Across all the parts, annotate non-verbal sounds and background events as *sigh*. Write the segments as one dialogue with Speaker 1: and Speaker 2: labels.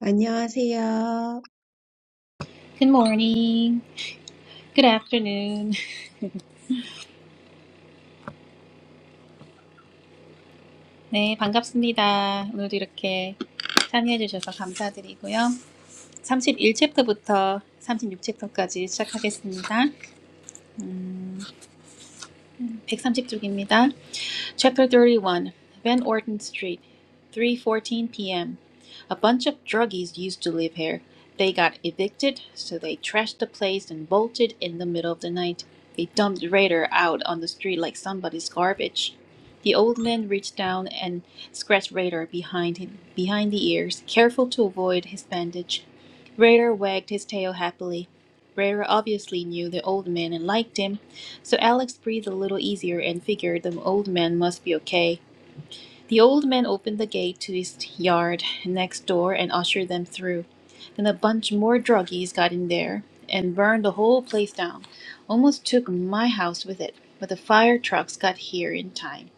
Speaker 1: 안녕하세요.
Speaker 2: Good morning. Good afternoon. *laughs* 네, 반갑습니다. 오늘도 이렇게 참여해 주셔서 감사드리고요. 31챕터부터 36챕터까지 시작하겠습니다. 음, 130쪽입니다. Chapter 31 Van Orton Street, 3:14 p.m. A bunch of druggies used to live here. They got evicted, so they trashed the place and bolted in the middle of the night. They dumped Raider out on the street like somebody's garbage. The old man reached down and scratched Raider behind him, behind the ears, careful to avoid his bandage. Raider wagged his tail happily. Raider obviously knew the old man and liked him, so Alex breathed a little easier and figured the old man must be okay. The old man opened the gate to his yard next door and ushered them through. Then a bunch more druggies got in there and burned the whole place down. Almost took my house with it, but the fire trucks got here in time.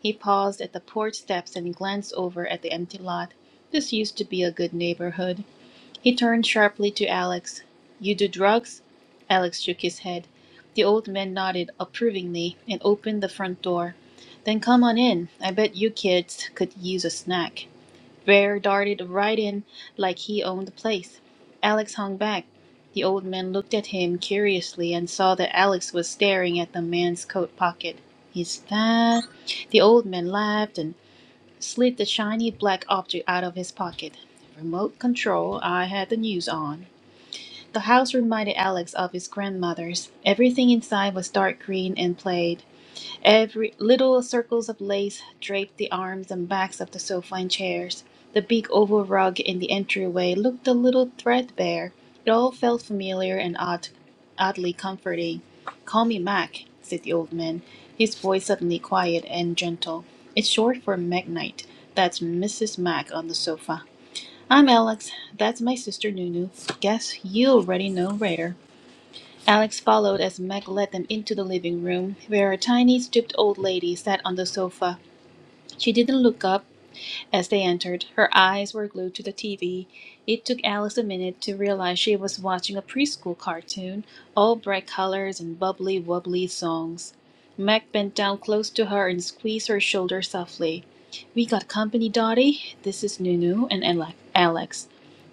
Speaker 2: He paused at the porch steps and glanced over at the empty lot. This used to be a good neighborhood. He turned sharply to Alex. "You do drugs?" Alex shook his head. The old man nodded approvingly and opened the front door. "Then come on in. I bet you kids could use a snack." Ware darted right in like he owned the place. Alex hung back. The old man looked at him curiously and saw that Alex was staring at the man's coat pocket. "Is that The old man laughed. and. Slid the shiny black object out of his pocket. Remote control, I had the news on. The house reminded Alex of his grandmother's. Everything inside was dark green and played. Every little circles of lace draped the arms and backs of the sofa and chairs. The big oval rug in the entryway looked a little threadbare. It all felt familiar and odd, oddly comforting. "Call me Mac," said the old man, his voice suddenly quiet and gentle. "It's short for Magnite. That's Mrs. Mac on the sofa. I'm Alex. That's my sister Nunu. Guess you already know Raider." Alex followed as Meg led them into the living room, where a tiny, stooped old lady sat on the sofa. She didn't look up, as they entered, her eyes were glued to the TV. It took Alice a minute to realize she was watching a preschool cartoon, all bright colors and bubbly wobbly songs. Meg bent down close to her and squeezed her shoulder softly. We got company, Dottie. This is Nunu and Alex.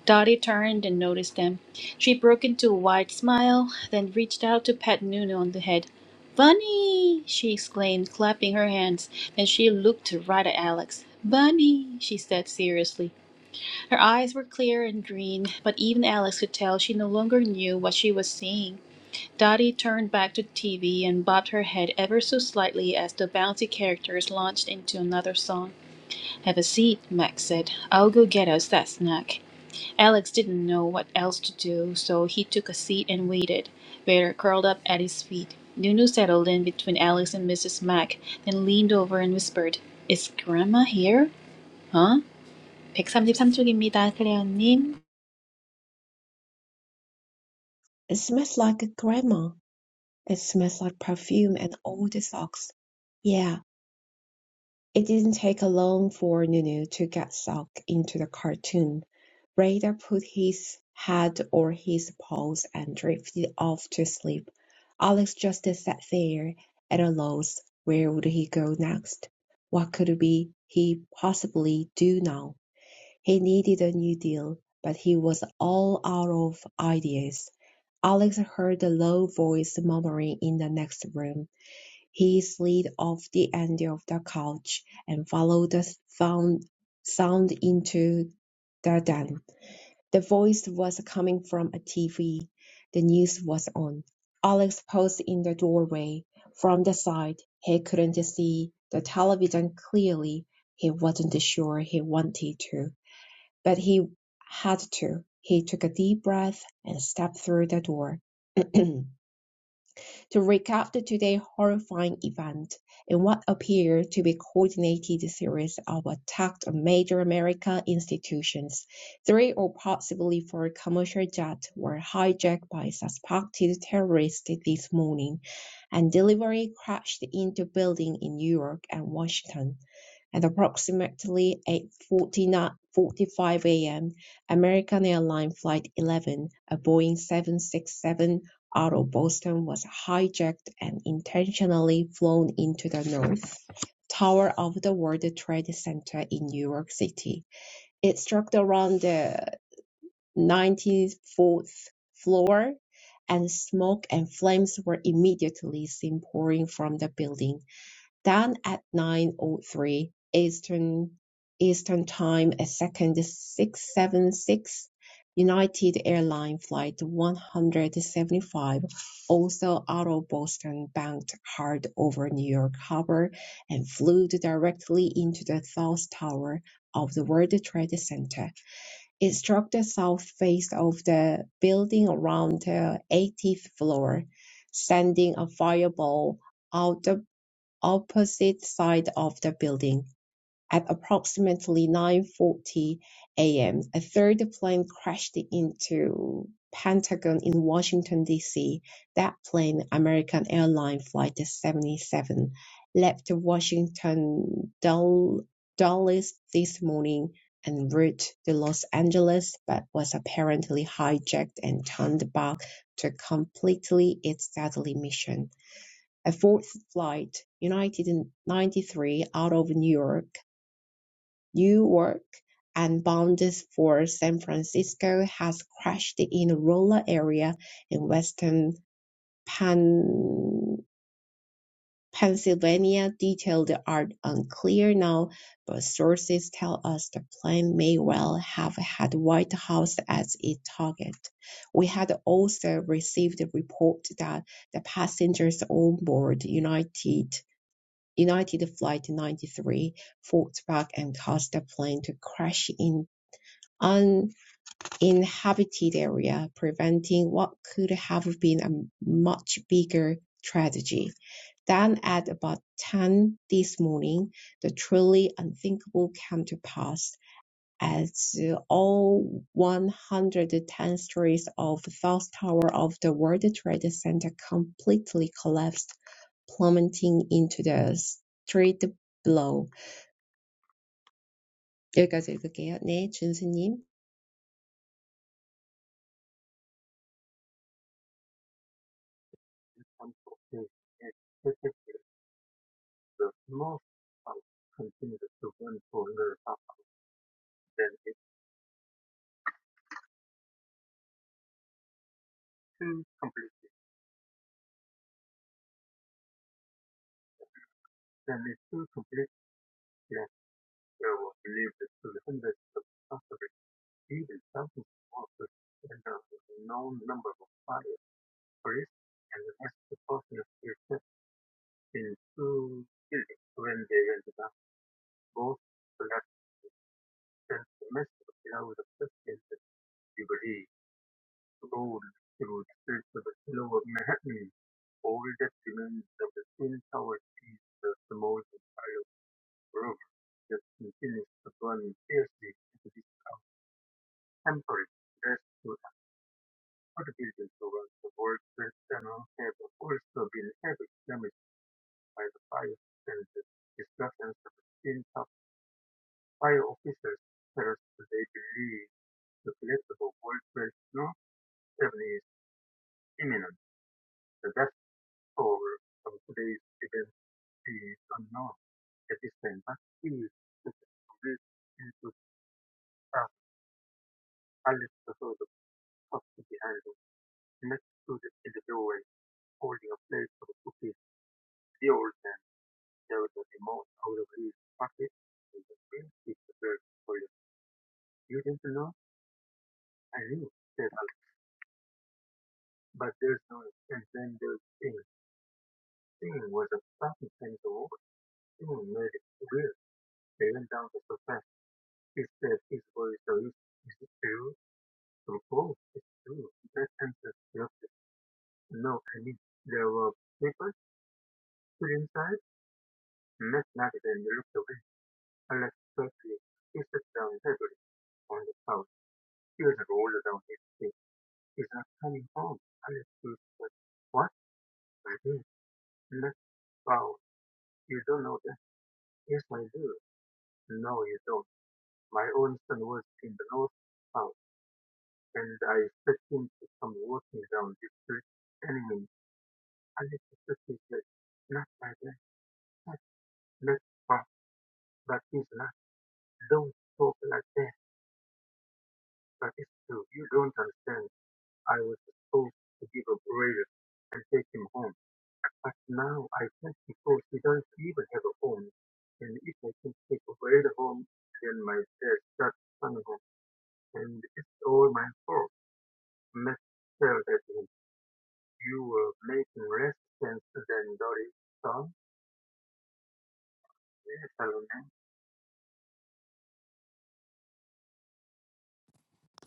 Speaker 2: Dottie turned and noticed them. She broke into a wide smile, then reached out to pat Nunu on the head. "Bunny!" she exclaimed, clapping her hands. Then she looked right at Alex. "Bunny!" she said seriously. Her eyes were clear and green, but even Alex could tell she no longer knew what she was seeing. Dotty turned back to the TV and bobbed her head ever so slightly as the bouncy characters launched into another song. "Have a seat," Max said. "I'll go get us that snack." Alex didn't know what else to do, so he took a seat and waited, Vader curled up at his feet. Nunu settled in between Alex and Mrs. Mac, then leaned over and whispered, Is Grandma here? Huh? 백삼십삼 쪽입니다, 클레어님.
Speaker 1: It smells like a grandma. It smells like perfume and old socks. Yeah, it didn't take long for Nunu to get sucked into the cartoon. Radar put his head or his paws and drifted off to sleep. Alex just sat there at a loss. Where would he go next? What could be he possibly do now? He needed a new deal, but he was all out of ideas. Alex heard a low voice murmuring in the next room. He slid off the end of the couch and followed the sound into the den. The voice was coming from a TV. The news was on. Alex paused in the doorway. From the side, he couldn't see the television clearly. He wasn't sure he wanted to, but he had to. He took a deep breath and stepped through the door. *clears throat* to recap the today horrifying event in what appeared to be coordinated series of attacks on major American institutions. Three or possibly four commercial jets were hijacked by suspected terrorists this morning, and delivery crashed into buildings in New York and Washington. At approximately 8:45 a.m., American Airlines Flight 11, a Boeing 767 out of Boston, was hijacked and intentionally flown into the North Tower of the World Trade Center in New York City. It struck around the 94th floor, and smoke and flames were immediately seen pouring from the building done at 9:03 Eastern Eastern Time, a second 676 United Airlines flight 175, also out of Boston, banked hard over New York Harbor and flew directly into the south tower of the World Trade Center. It struck the south face of the building around the 80th floor, sending a fireball out the opposite side of the building. At approximately 9:40 a.m., a m, a third plane crashed into Pentagon in Washington, D.C. That plane, American Airlines Flight 77, left Washington Dul- Dulles this morning en route to Los Angeles, but was apparently hijacked and turned back to complete its deadly mission. A fourth flight united in 93 out of New York, New York, and bound for San Francisco has crashed in a rural area in western Pan- Pennsylvania. Details are unclear now, but sources tell us the plane may well have had the White House as its target. We had also received a report that the passengers on board United United Flight 93 fought back and caused the plane to crash in an uninhabited area, preventing what could have been a much bigger tragedy. Then at about 10 this morning, the truly unthinkable came to pass as all 110 stories of the South Tower of the World Trade Center completely collapsed, plummeting into the street below. 여기까지 읽을게요. 네, 준수님.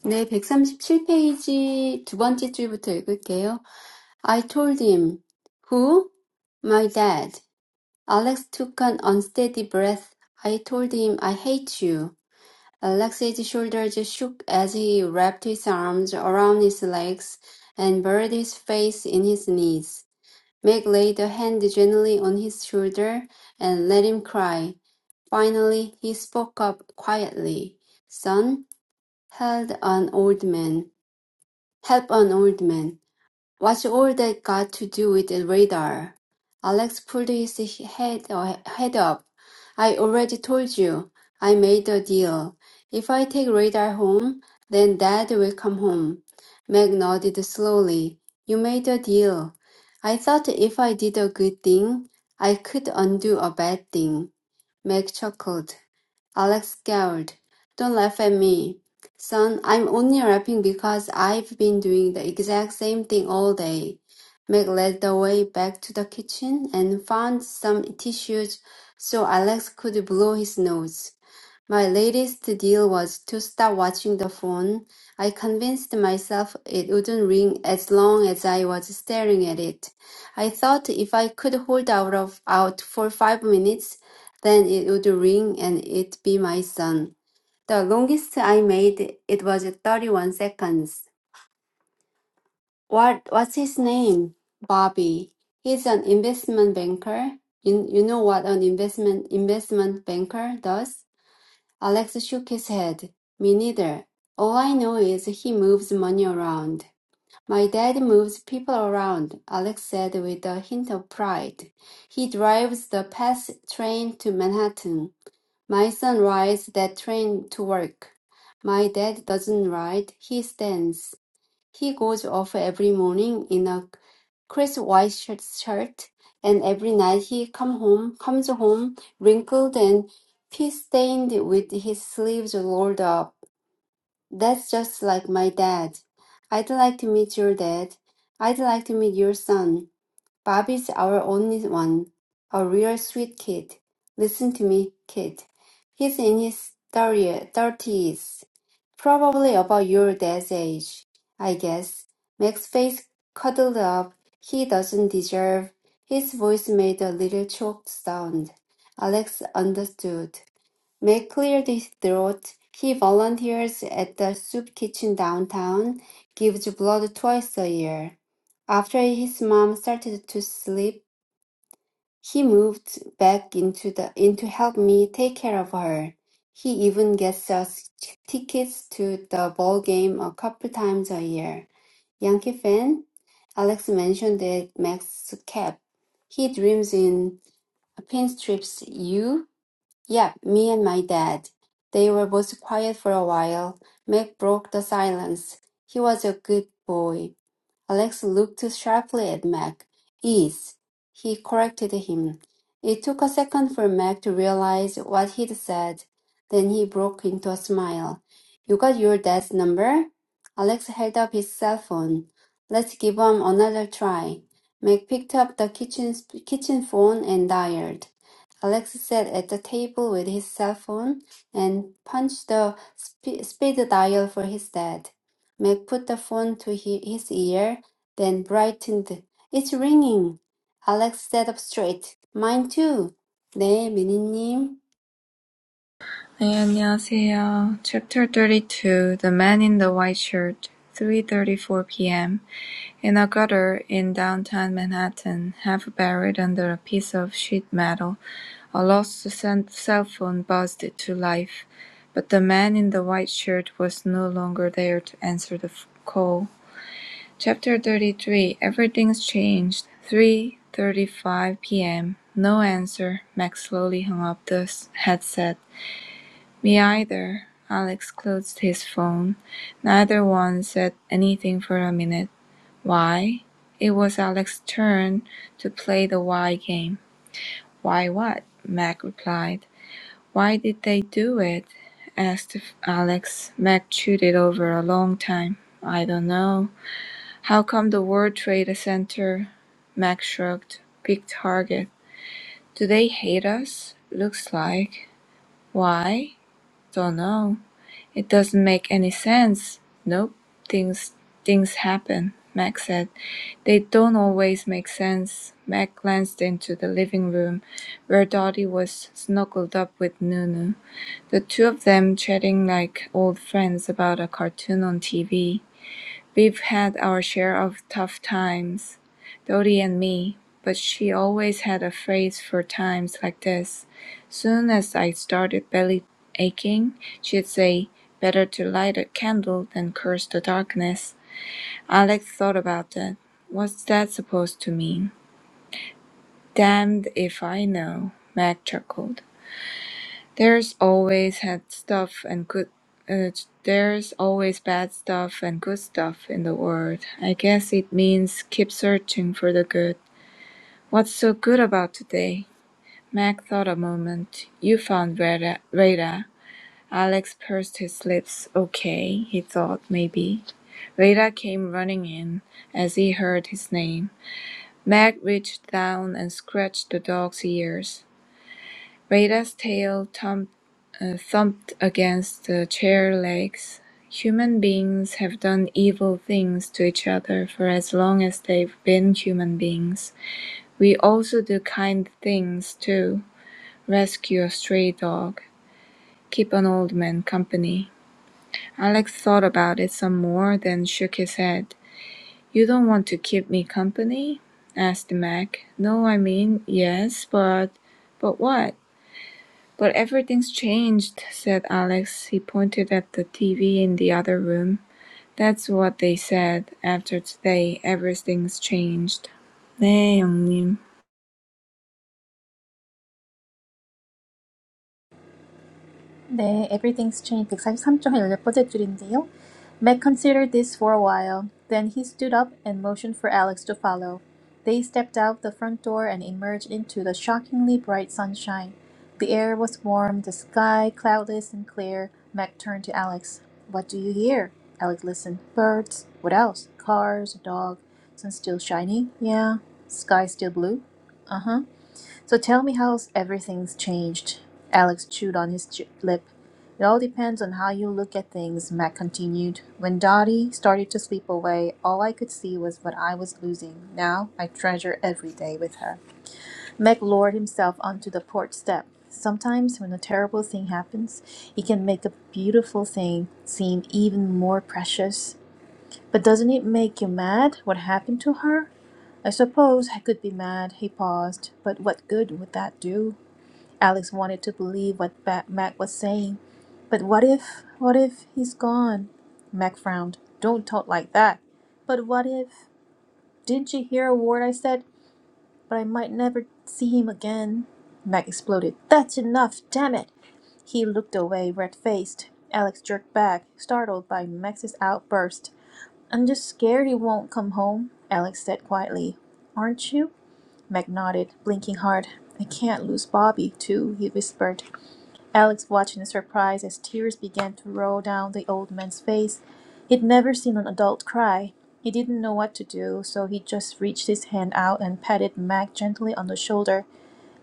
Speaker 3: 네, 백삼십칠 페이지 두 번째 줄부터 읽을게요. I told him, who? My dad. Alex took an unsteady breath. I told him I hate you. Alex's shoulders shook as he wrapped his arms around his legs and buried his face in his knees. Meg laid a hand gently on his shoulder and let him cry. Finally, he spoke up quietly. Son, held an old man. Help an old man. What's all that got to do with the radar? Alex pulled his head, head up. I already told you. I made a deal. If I take radar home, then Dad will come home. Meg nodded slowly. You made a deal. I thought if I did a good thing, I could undo a bad thing. Meg chuckled. Alex scowled. Don't laugh at me. Son, I'm only rapping because I've been doing the exact same thing all day. Meg led the way back to the kitchen and found some tissues so Alex could blow his nose. My latest deal was to stop watching the phone. I convinced myself it wouldn't ring as long as I was staring at it. I thought if I could hold out of out for five minutes, then it would ring and it'd be my son. The longest I made it was 31 seconds. What what's his name? Bobby. He's an investment banker. You, you know what an investment investment banker does? Alex shook his head. Me neither. All I know is he moves money around. My dad moves people around, Alex said with a hint of pride. He drives the fast train to Manhattan. My son rides that train to work. My dad doesn't ride, he stands. He goes off every morning in a crisp white shirt, shirt, and every night he come home comes home wrinkled and pea stained with his sleeves rolled up. That's just like my dad. I'd like to meet your dad. I'd like to meet your son. Bobby's our only one, a real sweet kid. Listen to me, kid. He's in his thirty thirties, probably about your dad's age, I guess. Mac's face cuddled up. He doesn't deserve. His voice made a little choked sound. Alex understood. Made clear his throat, he volunteers at the soup kitchen downtown, gives blood twice a year. After his mom started to sleep, he moved back into the in to help me take care of her. He even gets us tickets to the ball game a couple times a year. Yankee fan? Alex mentioned that Max cap. He dreams in pinstrips. You? Yeah, me and my dad. They were both quiet for a while. Mac broke the silence. He was a good boy. Alex looked sharply at Mac. "Is," he corrected him. It took a second for Mac to realize what he'd said. Then he broke into a smile. "You got your dad's number?" Alex held up his cell phone. "Let's give 'em another try." Mac picked up the kitchen kitchen phone and dialed. Alex sat at the table with his cell phone and punched the sp- speed dial for his dad. Meg put the phone to he- his ear, then brightened. It's ringing. Alex sat up straight. Mine too. 네, 미니님.
Speaker 4: 네, 안녕하세요. Chapter 32 The Man in the White Shirt, 3:34 p.m. In a gutter in downtown Manhattan, half buried under a piece of sheet metal, a lost cell phone buzzed to life. But the man in the white shirt was no longer there to answer the call. Chapter 33 Everything's Changed, 3:35 p.m. No answer. Max slowly hung up the headset. Me either. Alex closed his phone. Neither one said anything for a minute. Why? It was Alex's turn to play the why game. Why what? Mac replied. Why did they do it? asked Alex. Mac chewed it over a long time. I don't know. How come the World Trade Center? Mac shrugged. Big target. Do they hate us? Looks like. Why? Don't know. "It doesn't make any sense." "Nope. Things things happen," Mac said. "They don't always make sense." Mac glanced into the living room, where Dottie was snuggled up with Nunu, the two of them chatting like old friends about a cartoon on TV. We've had our share of tough times, Dodie and me, but she always had a phrase for times like this. Soon as I started belly aching, she'd say, Better to light a candle than curse the darkness. Alex thought about that. What's that supposed to mean? Damned if I know, Mac chuckled. There's always had stuff and good. Uh, there's always bad stuff and good stuff in the world. I guess it means keep searching for the good. What's so good about today? Mac thought a moment. You found Rada. Rada. Alex pursed his lips. Okay, he thought, maybe. Rada came running in as he heard his name. Mac reached down and scratched the dog's ears. Rada's tail thumped against the chair legs. Human beings have done evil things to each other for as long as they've been human beings. We also do kind things too. Rescue a stray dog. Keep an old man company. Alex thought about it some more, then shook his head. You don't want to keep me company? asked Mac. No, I mean, yes, but. But what? But everything's changed, said Alex. He pointed at the TV in the other room. That's what they said. After today, everything's changed. 네, 형님.
Speaker 2: 네, Everything's Changed 143쪽의 18번째 줄인데요. Meg considered this for a while. Then he stood up and motioned for Alex to follow. They stepped out the front door and emerged into the shockingly bright sunshine. The air was warm, the sky cloudless and clear. Meg turned to Alex. What do you hear? Alex listened. Birds. What else? Cars, a dog. Sun still shining? Yeah. Sky still blue? Uh huh. So tell me how everything's changed. Alex chewed on his ch- lip. It all depends on how you look at things, Mac continued. When Dottie started to slip away, all I could see was what I was losing. Now I treasure every day with her. Mac lowered himself onto the porch step. Sometimes, when a terrible thing happens, it can make a beautiful thing seem even more precious. But doesn't it make you mad what happened to her? I suppose I could be mad, he paused, but what good would that do? Alex wanted to believe what Ba- Mac was saying. But what if, what if he's gone? Mac frowned. Don't talk like that. But what if, didn't you hear a word I said? But I might never see him again. Mac exploded. That's enough, damn it! He looked away, red faced. Alex jerked back, startled by Max's outburst. I'm just scared he won't come home, Alex said quietly. Aren't you? Meg nodded, blinking hard. I can't lose Bobby, too, he whispered. Alex watched in surprise as tears began to roll down the old man's face. He'd never seen an adult cry. He didn't know what to do, so he just reached his hand out and patted Meg gently on the shoulder.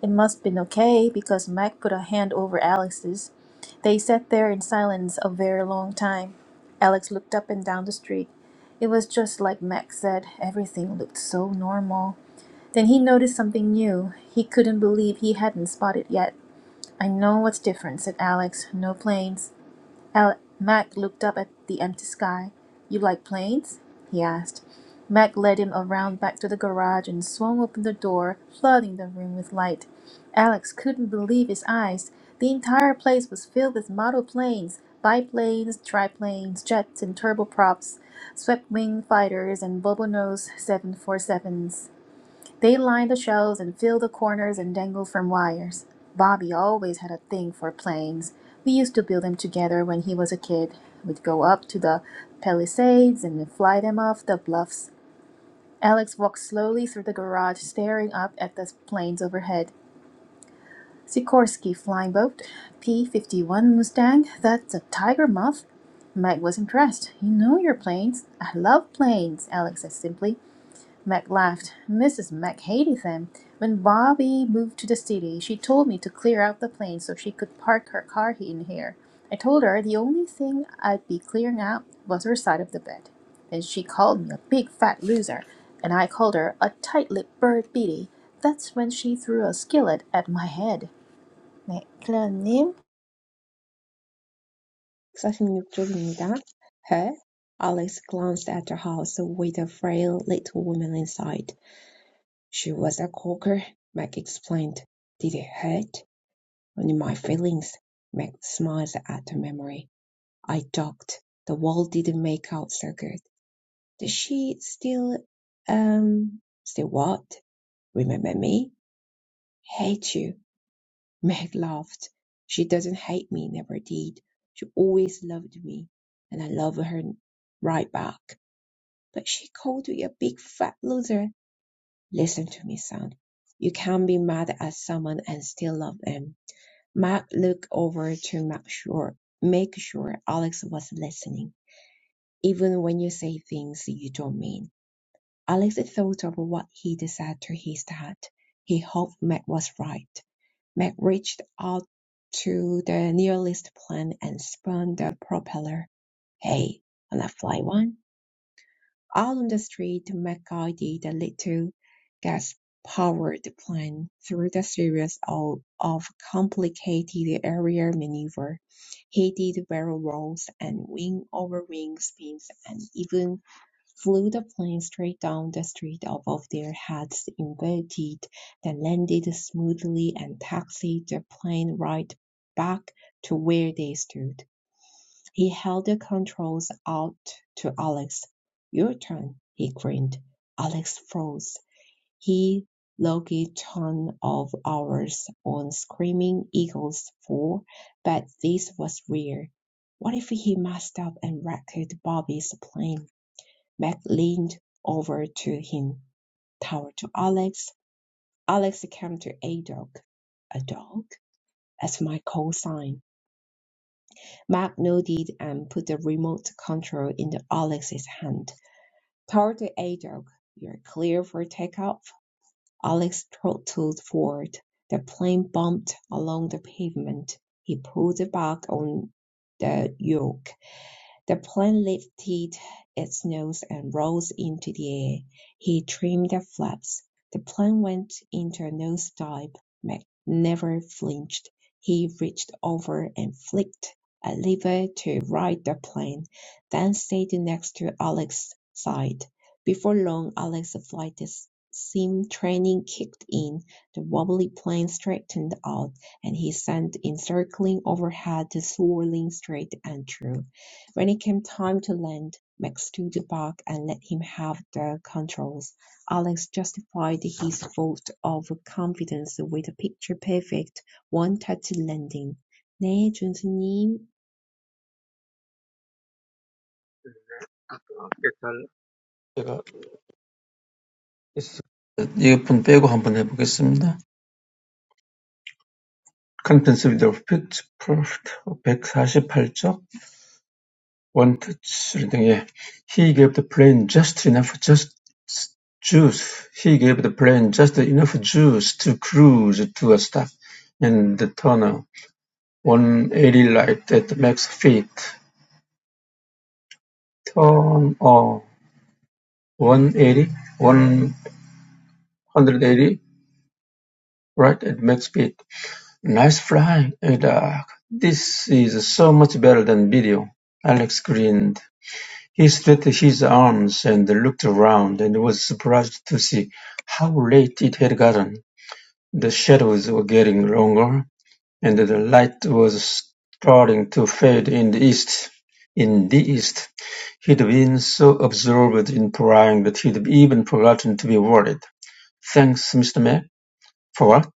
Speaker 2: It must been okay because Mac put a hand over Alex's. They sat there in silence a very long time. Alex looked up and down the street. It was just like Mac said, everything looked so normal. Then he noticed something new. He couldn't believe he hadn't spotted yet. I know what's different, said Alex. No planes. Al- Mac looked up at the empty sky. You like planes? he asked. Mac led him around back to the garage and swung open the door, flooding the room with light. Alex couldn't believe his eyes. The entire place was filled with model planes, biplanes, triplanes, jets, and turboprops, swept wing fighters, and bubble nose 747s. They line the shelves and fill the corners and dangle from wires. Bobby always had a thing for planes. We used to build them together when he was a kid. We'd go up to the palisades and fly them off the bluffs. Alex walked slowly through the garage, staring up at the planes overhead. Sikorsky flying boat, P 51 Mustang, that's a tiger moth. Meg was impressed. You know your planes. I love planes, Alex said simply. Mac laughed. Mrs. Mac hated them. When Bobby moved to the city, she told me to clear out the plane so she could park her car in here. I told her the only thing I'd be clearing out was her side of the bed. Then she called me a big fat loser, and I called her a tight-lipped bird beady. That's when she threw a skillet at my head. 네, 클레어님
Speaker 1: 46쪽입니다. Her? Alex glanced at the house with a frail little woman inside. She was a corker, Meg explained. Did it hurt? Only my feelings. Meg smiled at the memory. I ducked. The wall didn't make out so good. Does she still, um, still what? Remember me? Hate you. *laughs* Meg laughed. She doesn't hate me, never did. She always loved me, and I love her right back. But she called you a big fat loser. Listen to me, son. You can be mad at someone and still love them. Matt looked over to make sure, make sure Alex was listening. even when you say things you don't mean. Alex thought of what he'd said to his dad. He hoped Meg was right. Meg reached out to the nearest plane and spun the propeller. Hey, wanna fly one? Out on the street, Meg guided the little gas-powered plane through the series of, of complicated aerial maneuvers. He did barrel rolls and wing-over-wing spins and even Flew the plane straight down the street above their heads, inverted, then landed smoothly and taxied the plane right back to where they stood. He held the controls out to Alex. Your turn, he grinned. Alex froze. He logged a ton of hours on Screaming Eagles 4, but this was rare. What if he messed up and wrecked Bobby's plane? Mac leaned over to him, towered to Alex. Alex came to A Dog. A dog? As my call sign. Mac nodded and put the remote control into Alex's hand. Towered to A Dog. You're clear for takeoff. Alex throttled forward. The plane bumped along the pavement. He pulled back on the yoke. The plane lifted its nose and rose into the air. He trimmed the flaps. The plane went into a nose dive. Mac never flinched. He reached over and flicked a lever to right the plane, then stayed next to Alex's side. Before long, Alex's flight sim training kicked in. The wobbly plane straightened out, and he sent it circling overhead, swirling straight and true. When it came time to land, Max stood back and let him have the controls. Alex justified his vote of confidence with a picture-perfect one-touch landing. "네, 준수님."
Speaker 5: 제가 있을 이어폰 빼고 한번 해보겠습니다. Contents with the fit, perfect, 148쪽, one touch reading, 예. He gave the plane just enough, just juice. He gave the plane just enough juice to cruise to a stop in the tunnel. 180 light at the max speed. Turn on one eighty, one hundred eighty. right at max speed. Nice flying, Doc. This is so much better than video. Alex grinned. He stretched his arms and looked around and was surprised to see how late it had gotten. The shadows were getting longer and the light was starting to fade in the east. In the east, he'd been so absorbed in prying that he'd even forgotten to be worried. Thanks, Mr. Mac. For what?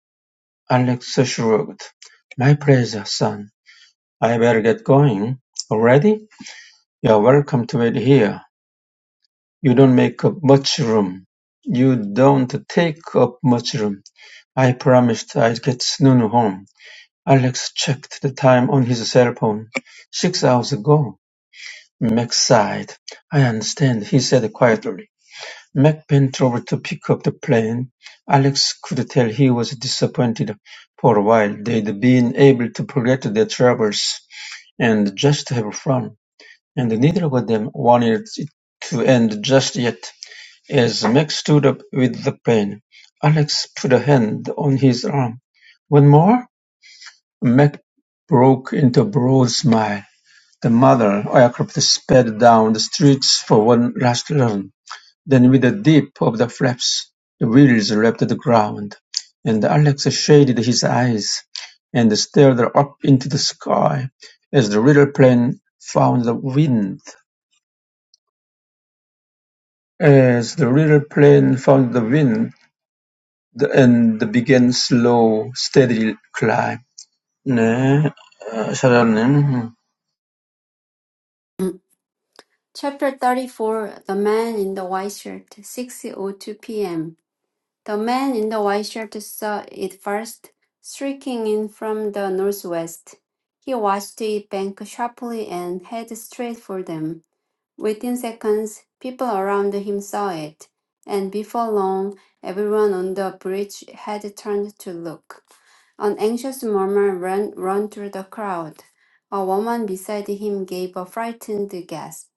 Speaker 5: Alex shrugged. My pleasure, son. I better get going. Already? You're welcome to wait here. You don't make up much room. You don't take up much room. I promised I'd get Snunu home. Alex checked the time on his cell phone. Six hours ago. Mac sighed. I understand, he said quietly. Mac bent over to pick up the plane. Alex could tell he was disappointed. For a while, they'd been able to forget their troubles and just have fun. And neither of them wanted it to end just yet. As Meg stood up with the pain, Alex put a hand on his arm. One more? Meg broke into a broad smile. The mother aircraft sped down the streets for one last run. Then with a dip of the flaps, the wheels left the ground, and Alex shaded his eyes and stared up into the sky as the little plane found the wind As the little plane found the wind, and began slow, steady climb. 네, 어, 샤라님
Speaker 3: Chapter 34 The Man in the White Shirt, 6.02 p.m. The man in the white shirt saw it first, streaking in from the northwest. He watched it bank sharply and head straight for them. Within seconds, people around him saw it, and before long, everyone on the bridge had turned to look. An anxious murmur ran, ran through the crowd. A woman beside him gave a frightened gasp.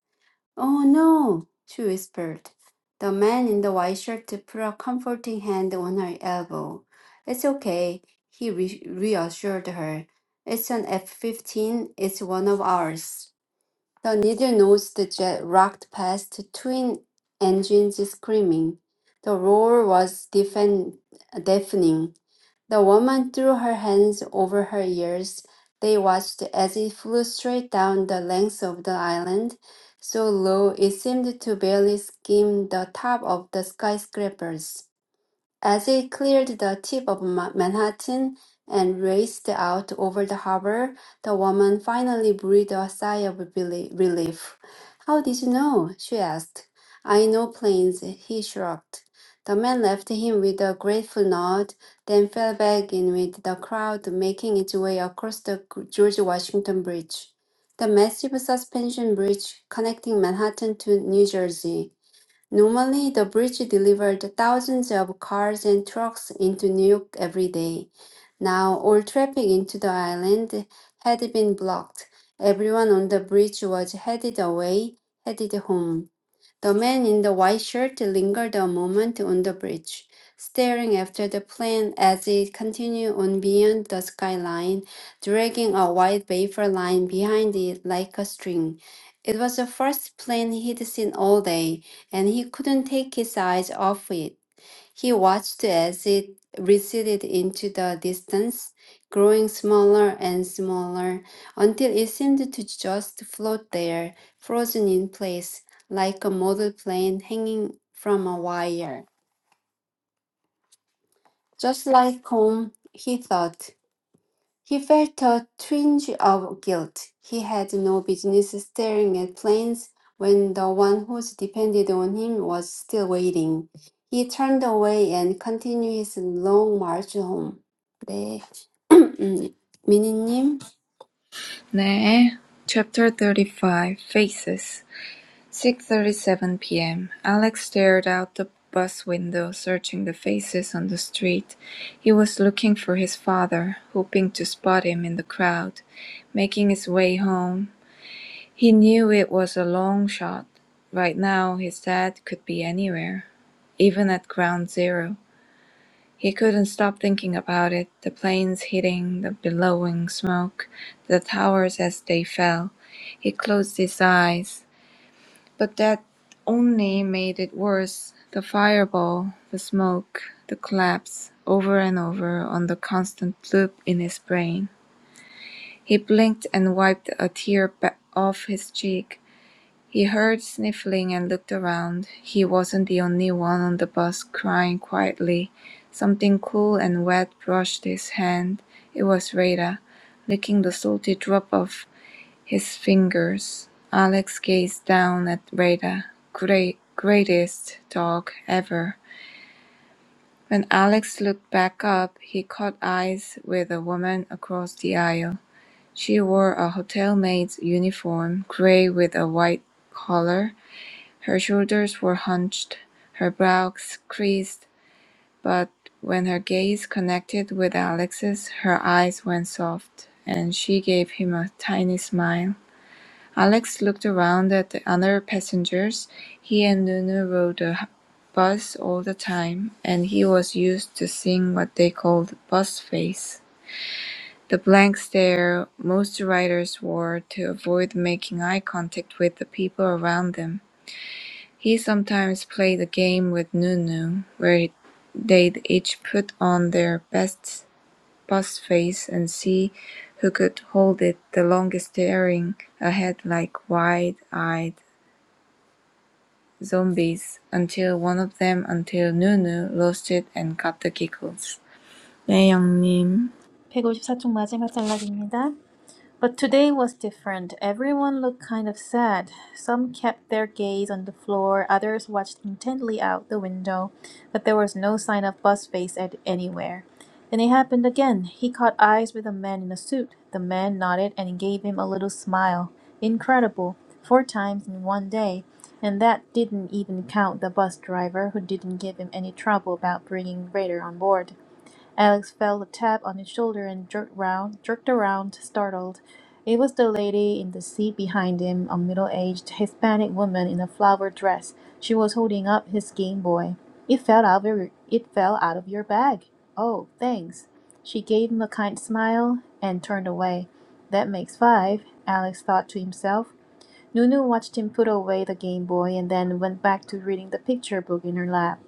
Speaker 3: Oh no, she whispered. The man in the white shirt put a comforting hand on her elbow. It's okay, he re- reassured her. It's an F 15, it's one of ours. The needle nosed jet rocked past twin engines screaming. The roar was deafen- deafening. The woman threw her hands over her ears. They watched as it flew straight down the length of the island, so low it seemed to barely skim the top of the skyscrapers. As it cleared the tip of Ma- Manhattan and raced out over the harbor, the woman finally breathed a sigh of belie- relief. How did you know? she asked. I know planes, he shrugged. The man left him with a grateful nod, then fell back in with the crowd making its way across the George Washington Bridge, the massive suspension bridge connecting Manhattan to New Jersey. Normally, the bridge delivered thousands of cars and trucks into New York every day. Now, all traffic into the island had been blocked. Everyone on the bridge was headed away, headed home. The man in the white shirt lingered a moment on the bridge, staring after the plane as it continued on beyond the skyline, dragging a white vapor line behind it like a string. It was the first plane he'd seen all day, and he couldn't take his eyes off it. He watched as it receded into the distance, growing smaller and smaller until it seemed to just float there, frozen in place, like a model plane hanging from a wire. Just like home, he thought. He felt a twinge of guilt. He had no business staring at planes when the one who's depended on him was still waiting. He turned away and continued his long march home. 네. *clears throat* 미니님.
Speaker 4: 네. Chapter 35 Faces. 6:37 p.m. Alex stared out the bus window, searching the faces on the street. He was looking for his father, hoping to spot him in the crowd. Making his way home, He knew it was a long shot. Right now his dad could be anywhere. Even at ground zero. He couldn't stop thinking about it, the planes hitting the billowing smoke, the towers as they fell. He closed his eyes. But that only made it worse. The fireball, the smoke, the collapse, over and over on the constant loop in his brain. He blinked and wiped a tear ba- off his cheek. He heard sniffling and looked around. He wasn't the only one on the bus crying quietly. Something cool and wet brushed his hand. It was Rada, licking the salty drop off his fingers. Alex gazed down at Rada. Great, greatest dog ever. When Alex looked back up, he caught eyes with a woman across the aisle. She wore a hotel maid's uniform, gray with a white collar her shoulders were hunched, her brow creased, but when her gaze connected with Alex's, her eyes went soft, and she gave him a tiny smile. Alex looked around at the other passengers. He and Nunu rode a bus all the time, and he was used to seeing what they called bus face. The blank stare most writers wore to avoid making eye contact with the people around them. He sometimes played a game with Nunu, where they'd each put on their best boss face and see who could hold it the longest staring ahead like wide-eyed zombies until one of them, until Nunu lost it and got the giggles. 네, 영님.
Speaker 2: 154쪽 마지막 단락입니다. But today was different. Everyone looked kind of sad. Some kept their gaze on the floor, others watched intently out the window, but there was no sign of Buzzface at anywhere. Then it happened again. He caught eyes with a man in a suit. The man nodded and gave him a little smile. Incredible. Four times in one day. And that didn't even count the bus driver who didn't give him any trouble about bringing Raider on board. Alex felt a tap on his shoulder and jerked round, jerked around, startled. It was the lady in the seat behind him, a middle-aged Hispanic woman in a flower dress. She was holding up his Game Boy. It fell out of your, it fell out of your bag. Oh, thanks. She gave him a kind smile and turned away. That makes five, Alex thought to himself. Nunu watched him put away the Game Boy and then went back to reading the picture book in her lap.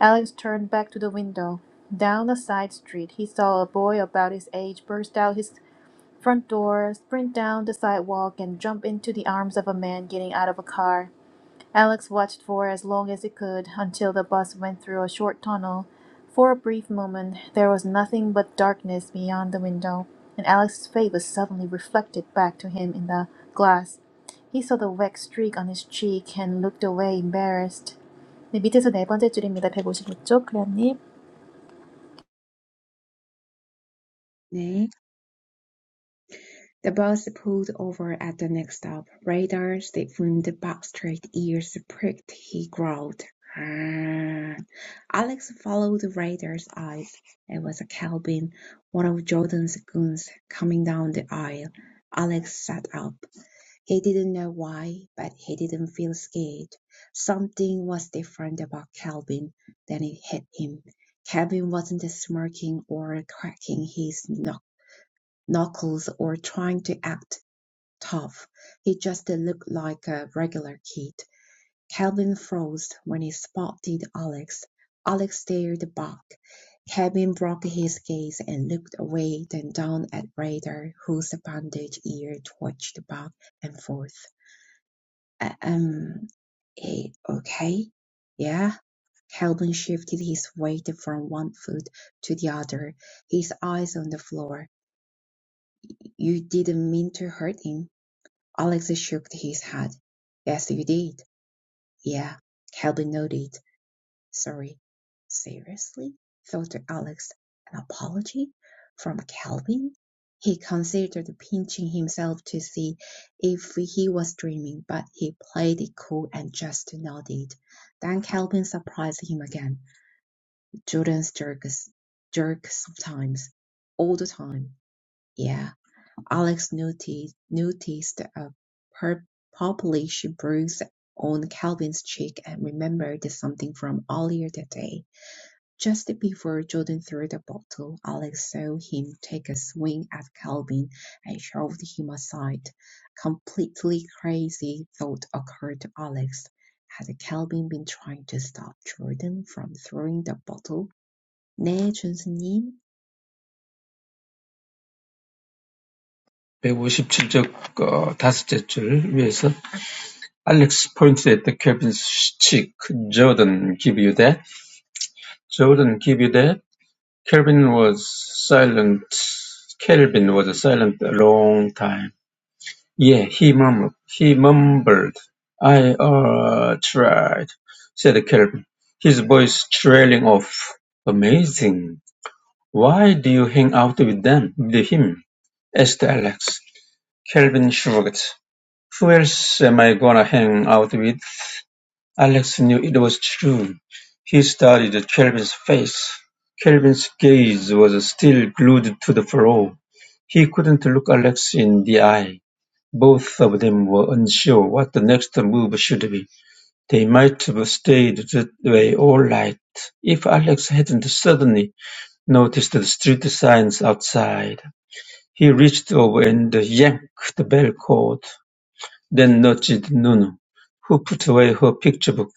Speaker 2: Alex turned back to the window. Down a side street, he saw a boy about his age burst out his front door, sprint down the sidewalk, and jump into the arms of a man getting out of a car. Alex watched for as long as he could until the bus went through a short tunnel. For a brief moment, there was nothing but darkness beyond the window, and Alex's face was suddenly reflected back to him in the glass. He saw the wet streak on his cheek and looked away embarrassed. 네, 밑에서 네 번째 줄입니다. 1 5 5쪽 클레어님.
Speaker 1: "네." The bus pulled over at the next stop. Radar stiffened, back straight ears pricked. He growled, "Ah." Alex followed the raiders' eyes. It was Calvin, one of Jordan's goons, coming down the aisle. Alex sat up. He didn't know why, but he didn't feel scared. Something was different about Calvin. Then it hit him. Calvin wasn't smirking or cracking his knuck- knuckles or trying to act tough. He just looked like a regular kid. Calvin froze when he spotted Alex. Alex stared back. Calvin broke his gaze and looked away, then down at Ryder, whose bandaged ear twitched back and forth. "Uh, Um, eh, okay? Yeah? Calvin shifted his weight from one foot to the other, his eyes on the floor. You didn't mean to hurt him. Alex shook his head. Yes, you did. Yeah. Calvin nodded. Sorry, seriously? thought Alex. An apology? From Calvin? He considered pinching himself to see if he was dreaming, but he played it cool and just nodded. Then Calvin surprised him again. Jordan's jerks, jerks sometimes, all the time. Yeah, Alex noticed, noticed a pur- purplish bruise on Calvin's cheek and remembered something from earlier that day. Just before Jordan threw the bottle, Alex saw him take a swing at Calvin and shoved him aside. Completely crazy thought occurred to Alex. Had Calvin been trying to stop Jordan from throwing the bottle? 네, 준수님.
Speaker 5: 157쪽 어, 다섯째 줄 위에서 Alex pointed at the Kelvin's cheek. Jordan, give you that. Jordan, give you that. Kelvin was silent. Kelvin was silent a long time. "Yeah," he mumbled. "He mumbled." "I, uh, tried," said Kelvin, his voice trailing off. "Amazing. Why do you hang out with them, with him?" asked Alex. Kelvin shrugged. "Who else am I gonna hang out with?" Alex knew it was true. He studied Kelvin's face. Kelvin's gaze was still glued to the floor. He couldn't look Alex in the eye. Both of them were unsure what the next move should be. They might've stayed that way all night if Alex hadn't suddenly noticed the street signs outside. He reached over and yanked the bell cord, then nudged Nunu, who put away her picture book.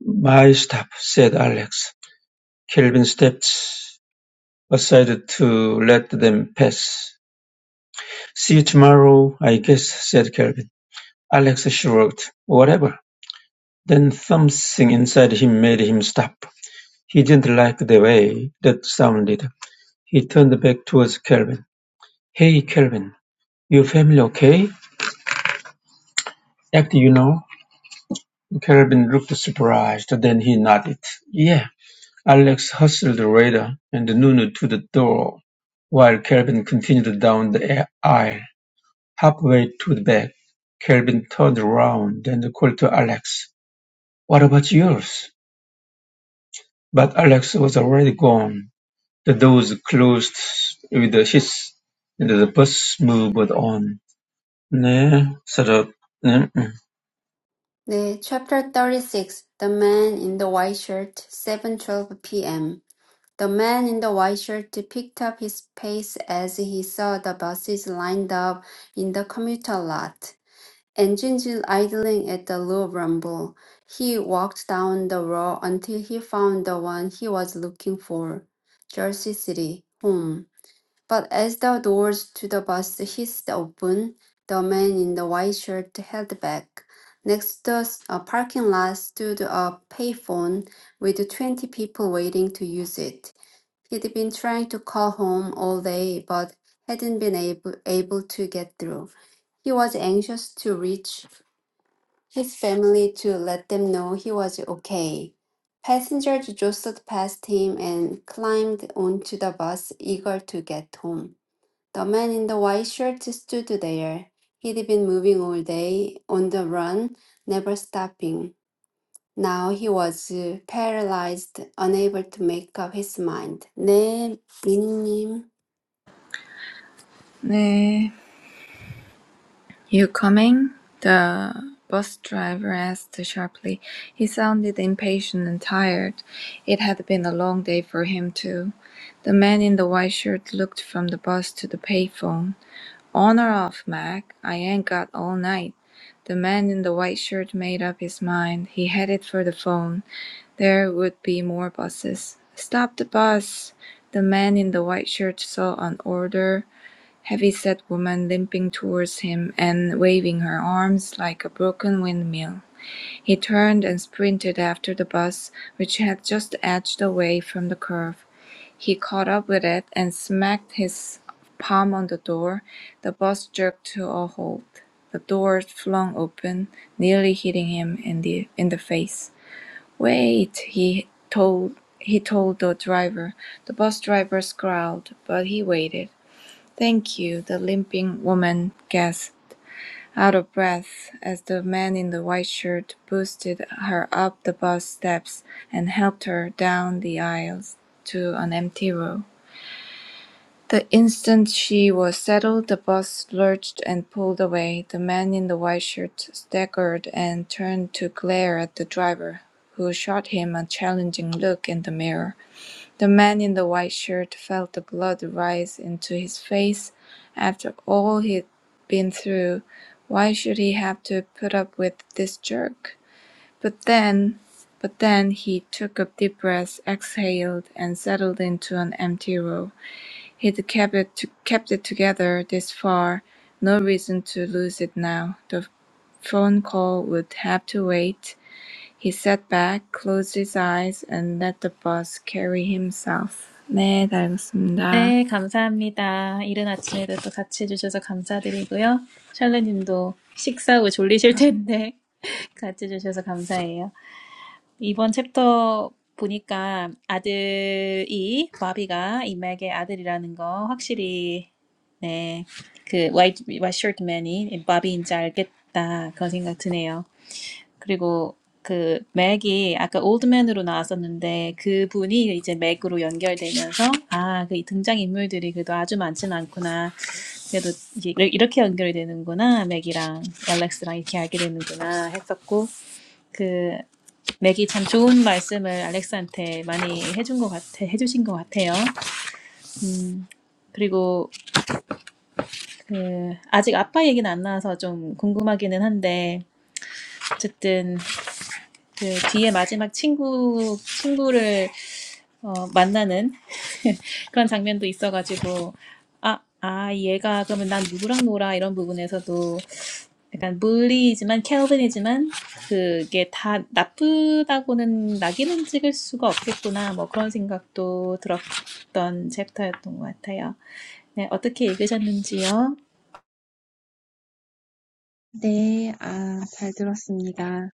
Speaker 5: My stop, said Alex. Kelvin stepped aside to let them pass. See you tomorrow, I guess, said Kelvin. Alex shrugged. Whatever. Then something inside him made him stop. He didn't like the way that sounded. He turned back towards Kelvin. Hey, Kelvin, your family okay? Act, you know? Kelvin looked surprised, then he nodded. Yeah. Alex hustled Rada and Nunu to the door, while Kelvin continued down the aisle. Halfway to the back, Kelvin turned around and called to Alex. What about yours? But Alex was already gone. The doors closed with a hiss, and the bus moved on. 네, 서로, 음,
Speaker 3: 네. Chapter 36. The Man in the White Shirt, 7:12 p.m. The man in the white shirt picked up his pace as he saw the buses lined up in the commuter lot. Engines idling at the low rumble. He walked down the row until he found the one he was looking for. Jersey City, home. But as the doors to the bus hissed open, the man in the white shirt held back. Next to s- a parking lot stood a payphone with 20 people waiting to use it. He'd been trying to call home all day but hadn't been able, able to get through. He was anxious to reach his family to let them know he was okay. Passengers jostled past him and climbed onto the bus, eager to get home. The man in the white shirt stood there. He'd been moving all day, on the run, never stopping. Now he was uh, paralyzed, unable to make up his mind. 네, 미니님.
Speaker 4: 네. “You coming?” the bus driver asked sharply. He sounded impatient and tired. It had been a long day for him, too. The man in the white shirt looked from the bus to the payphone. "On or off, Mac? I ain't got all night." The man in the white shirt made up his mind. He headed for the phone. There would be more buses. "Stop the bus!" The man in the white shirt saw an order heavy-set woman limping towards him and waving her arms like a broken windmill. He turned and sprinted after the bus, which had just edged away from the curve. He caught up with it and smacked his palm on the door. The bus jerked to a halt. The door flung open, nearly hitting him in the in the face. Wait, he told he told the driver. The bus driver scowled, but he waited. Thank you, the limping woman gasped, out of breath, as the man in the white shirt boosted her up the bus steps and helped her down the aisles to an empty row. The instant she was settled, the bus lurched and pulled away. The man in the white shirt staggered and turned to glare at the driver, who shot him a challenging look in the mirror. The man in the white shirt felt the blood rise into his face after all he'd been through. Why should he have to put up with this jerk? But then, but then he took a deep breath, exhaled, and settled into an empty row. He'd kept it to, kept it together this far. No reason to lose it now. The phone call would have to wait. He sat back, closed his eyes, and let the bus carry him south. 네, 잘 들었습니다.
Speaker 2: 네, 감사합니다. 이른 아침에도 또 같이 해주셔서 감사드리고요. 샬레님도 식사 후 졸리실 텐데 *laughs* 같이 해주셔서 감사해요. 이번 챕터 보니까 아들이 마비가 이맥의 아들이라는 거 확실히 네, 그 white, white shirt man이 바비인지 알겠다 그런 생각 드네요. 그리고 그 맥이 아까 올드맨으로 나왔었는데 그분이 이제 맥으로 연결되면서 아, 그 등장인물들이 그래도 아주 많진 않구나. 그래도 이제 이렇- 이렇게 연결이 되는구나. 맥이랑 알렉스랑 이렇게 알게 되는구나 했었고 그 맥이 참 좋은 말씀을 알렉스한테 많이 해준 것 같아, 해주신 것 같아요. 음, 그리고 그 아직 아빠 얘기는 안 나와서 좀 궁금하기는 한데 어쨌든 그 뒤에 마지막 친구 친구를 어, 만나는 *laughs* 그런 장면도 있어가지고 아, 아 얘가 그러면 난 누구랑 놀아 이런 부분에서도 약간 물리이지만 켈빈이지만 그게 다 나쁘다고는 낙인은 찍을 수가 없겠구나 뭐 그런 생각도 들었던 챕터였던 것 같아요. 네 어떻게 읽으셨는지요?
Speaker 1: 네, 아, 잘 들었습니다.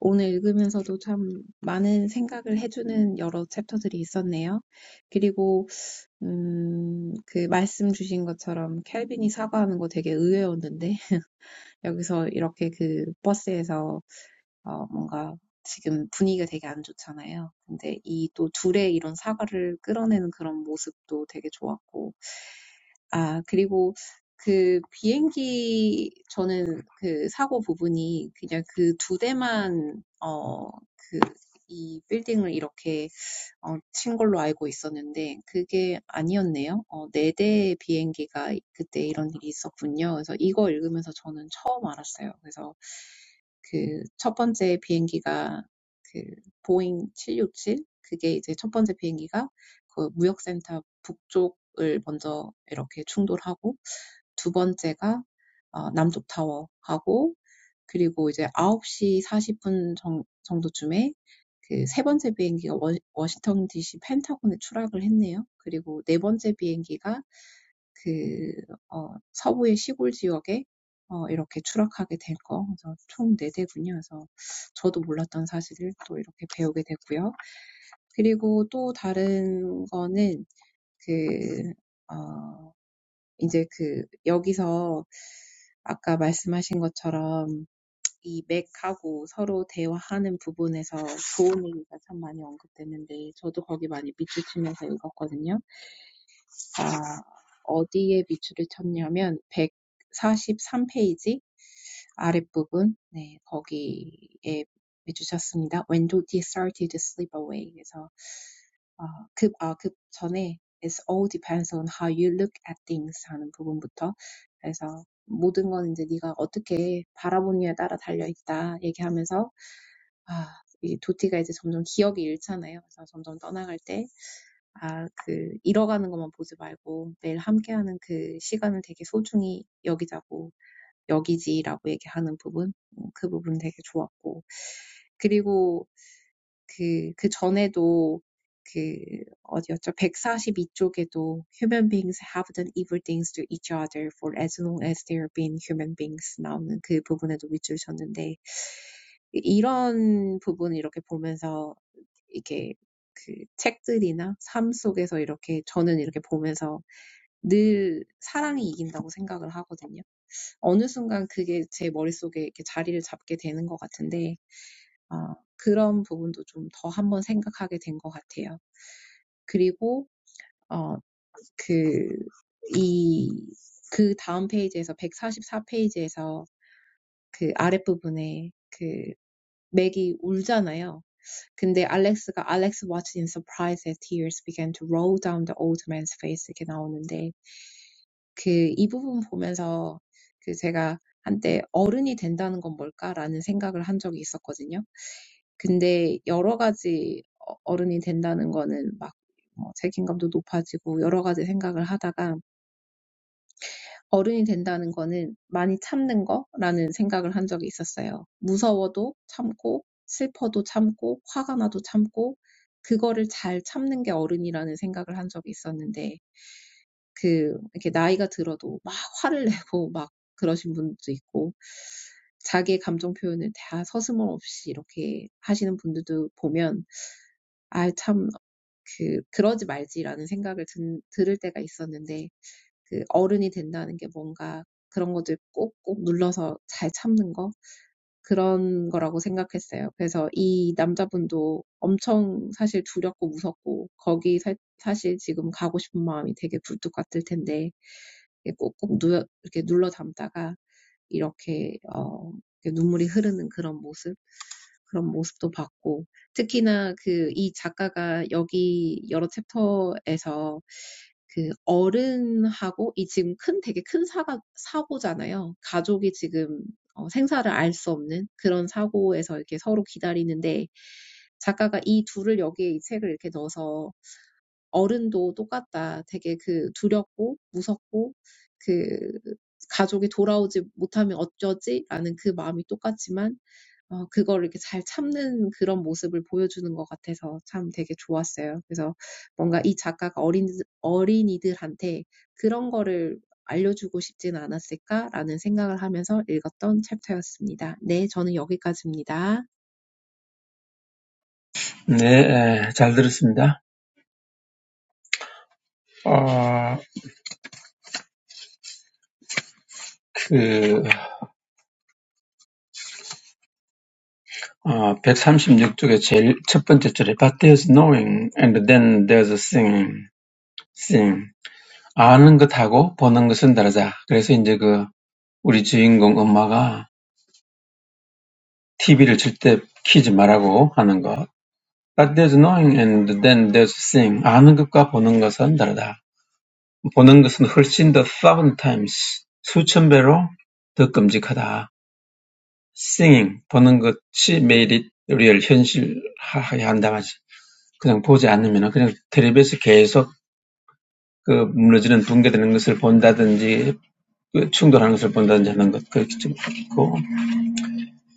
Speaker 1: 오늘 읽으면서도 참 많은 생각을 해주는 여러 챕터들이 있었네요. 그리고 음, 그 말씀 주신 것처럼 켈빈이 사과하는 거 되게 의외였는데 *laughs* 여기서 이렇게 그 버스에서 어 뭔가 지금 분위기가 되게 안 좋잖아요. 근데 이 또 둘의 이런 사과를 끌어내는 그런 모습도 되게 좋았고 아 그리고 그 비행기 저는 그 사고 부분이 그냥 그 두 대만 어그이 빌딩을 이렇게 어친 걸로 알고 있었는데 그게 아니었네요. 어4 대의 비행기가 그때 이런 일이 있었군요. 그래서 이거 읽으면서 저는 처음 알았어요. 그래서 그첫 번째 비행기가 그 보잉 767 그게 이제 첫 번째 비행기가 그 무역센터 북쪽을 먼저 이렇게 충돌하고 두 번째가 어 남쪽 타워하고 그리고 이제 9시 40분 정, 정도쯤에 그 세 번째 비행기가 워, 워싱턴 DC 펜타곤에 추락을 했네요. 그리고 네 번째 비행기가 그, 어, 서부의 시골 지역에 어, 이렇게 추락하게 될 거. 그래서 총네 대군요. 그래서 저도 몰랐던 사실을 또 이렇게 배우게 됐고요. 그리고 또 다른 거는 그, 어, 이제 그, 여기서 아까 말씀하신 것처럼 이 맥하고 서로 대화하는 부분에서 좋은 얘기가 참 많이 언급됐는데 저도 거기 많이 밑줄 치면서 읽었거든요. 아, 어디에 밑줄을 쳤냐면 143페이지 아랫부분 네, 거기에 밑줄 쳤습니다. When Dottie started to slip away. 그래서 아, 급, 아, 급 전에 It all depends on how you look at things 하는 부분부터 그래서 모든 건 이제 네가 어떻게 바라보느냐에 따라 달려있다 얘기하면서 아, 이 도티가 이제 점점 기억이 잃잖아요. 그래서 점점 떠나갈 때, 아, 그, 잃어가는 것만 보지 말고 매일 함께하는 그 시간을 되게 소중히 여기자고, 여기지라고 얘기하는 부분, 그 부분 되게 좋았고. 그리고 그, 그 전에도 그 어디였죠? 142쪽에도 human beings have done evil things to each other for as long as they have been human beings 나오는 그 부분에도 밑줄 쳤는데 이런 부분 이렇게 보면서 이렇게 그 책들이나 삶 속에서 이렇게 저는 이렇게 보면서 늘 사랑이 이긴다고 생각을 하거든요. 어느 순간 그게 제 머릿속에 이렇게 자리를 잡게 되는 것 같은데 어, 그런 부분도 좀 더 한번 생각하게 된것 같아요. 그리고 어, 그, 이, 그 다음 페이지에서 144 페이지에서 그 아랫부분에 그 맥이 울잖아요. 근데 알렉스가 Alex watched in surprise as tears began to roll down the old man's face 이렇게 나오는데 그 이 부분 보면서 그 제가 한때 어른이 된다는 건 뭘까라는 생각을 한 적이 있었거든요. 근데 여러 가지 어- 어른이 된다는 거는 막뭐 책임감도 높아지고 여러 가지 생각을 하다가 어른이 된다는 거는 많이 참는 거라는 생각을 한 적이 있었어요. 무서워도 참고, 슬퍼도 참고, 화가 나도 참고, 그거를 잘 참는 게 어른이라는 생각을 한 적이 있었는데, 그, 이렇게 나이가 들어도 막 화를 내고 *laughs* 막 그러신 분도 있고, 자기의 감정 표현을 다 서슴없이 이렇게 하시는 분들도 보면 아 참 그 그러지 말지라는 생각을 든, 들을 때가 있었는데 그 어른이 된다는 게 뭔가 그런 것들 꼭꼭 눌러서 잘 참는 거 그런 거라고 생각했어요. 그래서 이 남자분도 엄청 사실 두렵고 무섭고 거기 사, 사실 지금 가고 싶은 마음이 되게 굴뚝 같을 텐데 이게 꼭꼭 누 이렇게 눌러 담다가 이렇게 어 이렇게 눈물이 흐르는 그런 모습 그런 모습도 봤고 특히나 그이 작가가 여기 여러 챕터에서 그 어른하고 이 지금 큰 되게 큰 사가 사고잖아요. 가족이 지금 어, 생사를 알수 없는 그런 사고에서 이렇게 서로 기다리는데 작가가 이 둘을 여기에 이 책을 이렇게 넣어서 어른도 똑같다. 되게 그 두렵고 무섭고 그 가족이 돌아오지 못하면 어쩌지? 라는 그 마음이 똑같지만 어 그거를 이렇게 잘 참는 그런 모습을 보여주는 것 같아서 참 되게 좋았어요. 그래서 뭔가 이 작가가 어린 어린이들한테 그런 거를 알려주고 싶진 않았을까라는 생각을 하면서 읽었던 챕터였습니다. 네, 저는 여기까지입니다.
Speaker 5: 네, 잘 들었습니다. 어, 그, 어, 136쪽에 제일 첫 번째 줄에 But there's knowing, and then there's a seeing, seeing. 아는 것하고 보는 것은 다르다. 그래서 이제 그, 우리 주인공 엄마가 TV를 절대 키지 말라고 하는 것. But there's knowing and then there's seeing. 아는 것과 보는 것은 다르다. 보는 것은 훨씬 더 thousand times 수천 배로 더 끔찍하다. Seeing 보는 것이 made it real 현실화하게 한다 말이지. 그냥 보지 않으면 그냥 텔레비에서 계속 그 무너지는 붕괴되는 것을 본다든지 그 충돌하는 것을 본다든지 하는 것 그렇게 좀 있고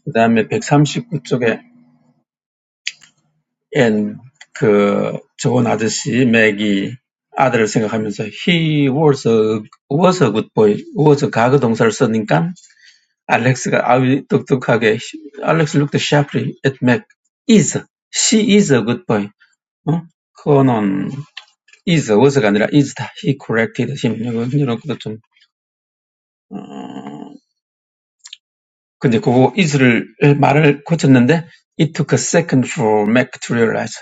Speaker 5: 그 다음에 139쪽에 and 그 좋은 아저씨 맥이 아들을 생각하면서 he was a was a good boy was a 가그 동사를 썼으니까 Alex, Alexia eyed Tuktuk-Hage. Alex looked sharply at Meg. "Is. She is a good boy. 어? 그거는 is was가 아니라 is다. He corrected him. 이런 이런 것도 좀 어, 근데 그거 is를 말을 고쳤는데 it took a second for Meg to realize.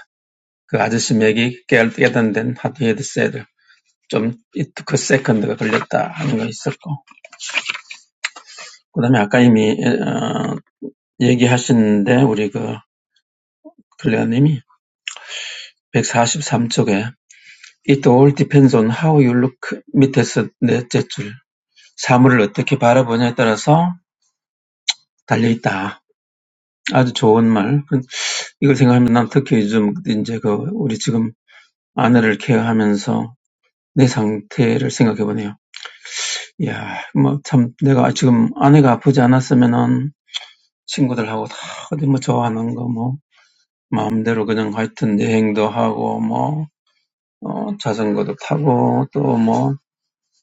Speaker 5: 그 아저씨 맥이 깨알 깨닫는 how he had said. 좀 it took a second가 걸렸다 하는 거 있었고 그 다음에 아까 이미 어, 얘기하셨는데 우리 그 클레어님이 143쪽에 It all depends on how you look 밑에서 넷째 줄. 사물을 어떻게 바라보냐에 따라서 달려있다. 아주 좋은 말. 이걸 생각하면 난 특히 요즘 이제 그 우리 지금 아내를 케어하면서 내 상태를 생각해 보네요. 이야, 뭐 참 내가 지금 아내가 아프지 않았으면은 친구들하고 다 어디 뭐 좋아하는 거 뭐 마음대로 그냥 하여튼 여행도 하고 뭐 어, 자전거도 타고 또뭐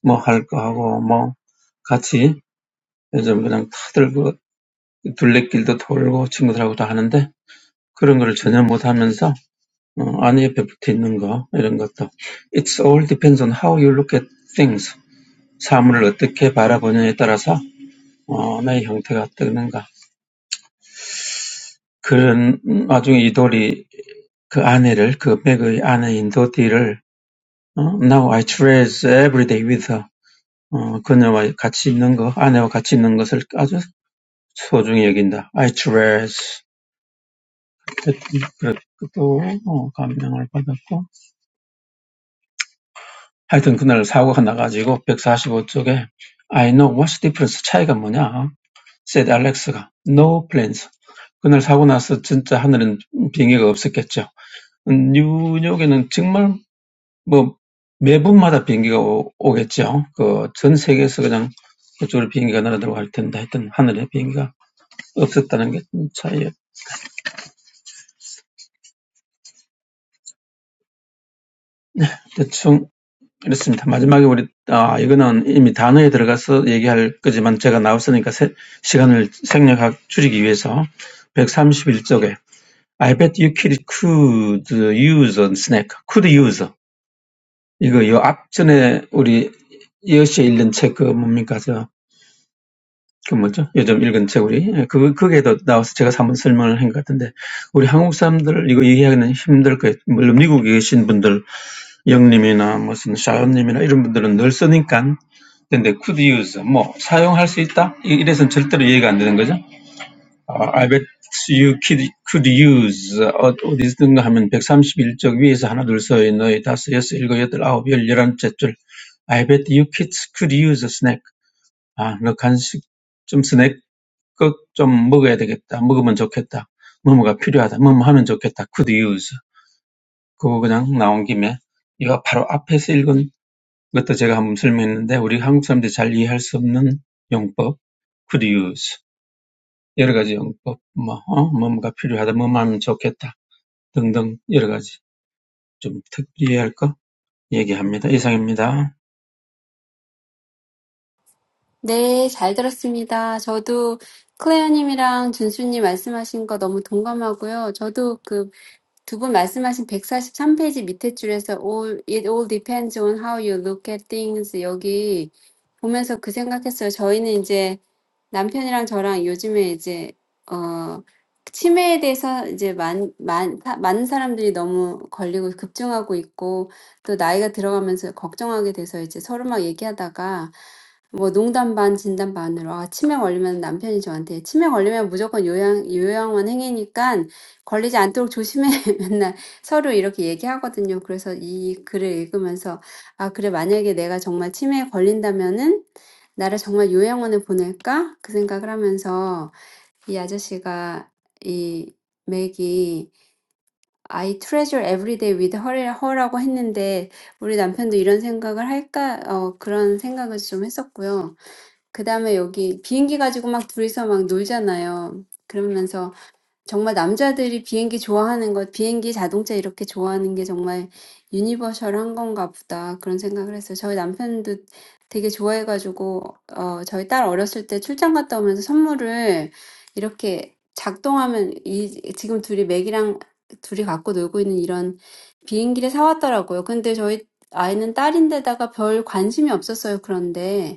Speaker 5: 뭐할거 하고 뭐 같이 요즘 그냥 다들 그 둘레길도 돌고 친구들하고 다 하는데 그런 거를 전혀 못 하면서 어, 아내 옆에 붙어 있는 거 이런 것도 It's all depends on how you look at things. 사물을 어떻게 바라보느냐에 따라서 어, 나의 형태가 어떻는가. 그런 와중에 이 이돌이 그 아내를 그 맥의 아내인 도티를 어, Now I treasure every day with her. 어, 그녀와 같이 있는 거, 아내와 같이 있는 것을 아주 소중히 여긴다. I treasure 그래갖고 또 어, 감명을 받았고 하여튼 그날 사고가 나가지고 백사십오 쪽에 I know what's the difference 차이가 뭐냐 said Alex가 no plans 그날 사고 나서 진짜 하늘은 비행기가 없었겠죠 음, 뉴욕에는 정말 뭐 매분마다 비행기가 오, 오겠죠 그전 세계에서 그냥 그쪽으로 비행기가 날아들고 날아들어갈 텐데 하여튼 하늘에 비행기가 없었다는 게 차이예요 대충 Yes, Mr. President. 근데 could use 뭐 사용할 수 있다 이- 이래선 절대로 이해가 안 되는 거죠. 아, I bet you could, could use 어, 어디서든가 하면 131쪽 위에서 하나 둘 둘서 너희 다섯 여섯 일곱 여덟 아홉 열 열한째 줄 I bet you kids could use a snack. 아, 너 간식 좀 스낵 좀 먹어야 되겠다. 먹으면 좋겠다. 뭐뭐가 필요하다. 뭐뭐 하면 좋겠다. could use 그거 그냥 나온 김에 이거 바로 앞에서 읽은 것도 제가 한번 설명했는데 우리 한국 사람들이 잘 이해할 수 없는 용법 could use 여러 가지 용법 뭐 어? 뭔가 필요하다 뭐하면 좋겠다 등등 여러 가지 좀 특별히 할 거 얘기합니다. 이상입니다.
Speaker 3: 네, 잘 들었습니다. 저도 클레어님이랑 준수님 말씀하신 거 너무 동감하고요. 저도 그 Two, you mentioned on page 143, the bottom line. It all depends on how you look at things. Here, looking at it, I thought, "We, my husband and I, these days, dementia. Many people are getting it, and it's increasing. As we get older, we're worried about it. We were talking about it, joking about it, and when dementia hits, my husband told me, "If dementia hits, we'll have to go to nursing home." 걸리지 않도록 조심해. *laughs* 맨날 서로 이렇게 얘기하거든요. 그래서 이 글을 읽으면서, 아, 그래, 만약에 내가 정말 치매에 걸린다면은, 나를 정말 요양원에 보낼까? 그 생각을 하면서, 이 아저씨가, 이 맥이, I treasure every day with her, her라고 했는데, 우리 남편도 이런 생각을 할까? 어, 그런 생각을 좀 했었고요. 그 다음에 여기 비행기 가지고 막 둘이서 막 놀잖아요. 그러면서 정말 남자들이 비행기 좋아하는 것, 비행기, 자동차 이렇게 좋아하는 게 정말 유니버셜한 건가 보다 그런 생각을 했어요. 저희 남편도 되게 좋아해가지고 어 저희 딸 어렸을 때 출장 갔다 오면서 선물을 이렇게 작동하면 이 지금 둘이 맥이랑 둘이 갖고 놀고 있는 이런 비행기를 사왔더라고요. 근데 저희 아이는 딸인데다가 별 관심이 없었어요. 그런데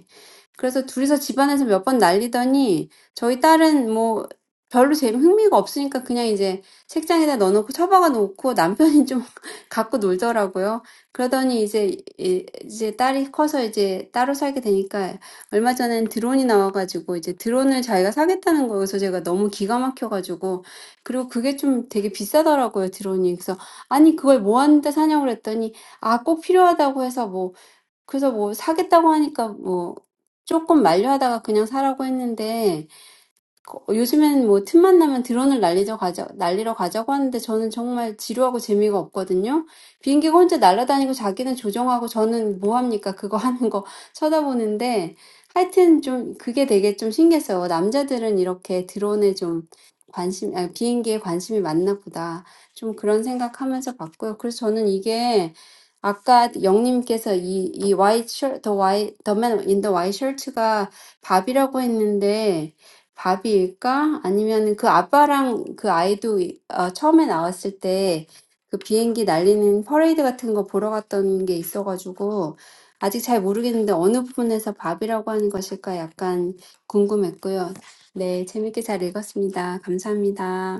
Speaker 3: 그래서 둘이서 집안에서 몇번 날리더니 저희 딸은 뭐 별로 재미 흥미가 없으니까 그냥 이제 책장에다 넣어놓고 처박아 놓고 남편이 좀 *laughs* 갖고 놀더라고요. 그러더니 이제 이- 이제 딸이 커서 이제 따로 살게 되니까 얼마 전엔 드론이 나와가지고 이제 드론을 자기가 사겠다는 거여서 제가 너무 기가 막혀가지고 그리고 그게 좀 되게 비싸더라고요 드론이. 그래서 아니 그걸 뭐 하는데 사냐고 그랬더니 아꼭 필요하다고 해서 뭐 그래서 뭐 사겠다고 하니까 뭐 조금 만류하다가 그냥 사라고 했는데 거- 요즘엔 뭐 틈만 나면 드론을 날리러 가자, 날리러 가자고 하는데 저는 정말 지루하고 재미가 없거든요. 비행기가 혼자 날아다니고 자기는 조종하고 저는 뭐 합니까? 그거 하는 거 *laughs* 쳐다보는데 하여튼 좀 그게 되게 좀 신기했어요. 남자들은 이렇게 드론에 좀 관심, 아, 비행기에 관심이 많나 보다. 좀 그런 생각하면서 봤고요. 그래서 저는 이게 아까 영님께서 이, 이 white shirt, the white, the man in the white shirt가 밥이라고 했는데 바비일까? 아니면 그 아빠랑 그 아이도 이- 어, 처음에 나왔을 때그 비행기 날리는 퍼레이드 같은 거 보러 갔던 게 있어가지고 아직 잘 모르겠는데 어느 부분에서 바비라고 하는 것일까 약간 궁금했고요. 네, 재밌게 잘 읽었습니다. 감사합니다.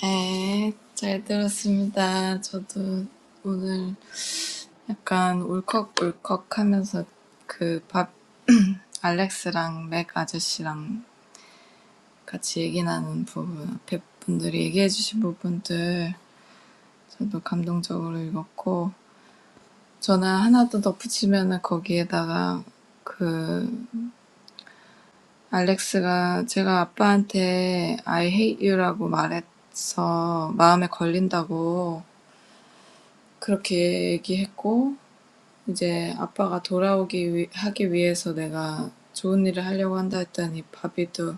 Speaker 4: 네, 잘 들었습니다. 저도 오늘 약간 울컥울컥하면서 그 밥, *clears throat* *laughs* 알렉스랑 맥 아저씨랑 같이 얘기 나눈 부분, 앞에 분들이 얘기해주신 부분들 저도 감동적으로 읽었고, 저는 하나 더 덧붙이면은 거기에다가 그 Alex가 제가 아빠한테 I hate you라고 말해서 마음에 걸린다고 그렇게 얘기했고 이제 아빠가 돌아오기 위, 하기 위해서 내가 좋은 일을 하려고 한다 했더니 바비도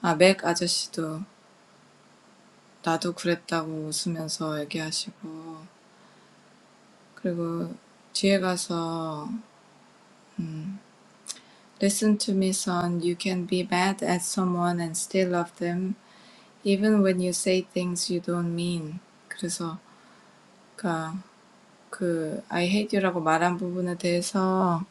Speaker 4: 아맥 아저씨도 나도 그랬다고 웃으면서 얘기하시고 그리고 뒤에 가서 Listen to me, son. You can be bad at someone and still love them, even when you say things you don't mean. 그래서 그러니까 그 I hate you라고 말한 부분에 대해서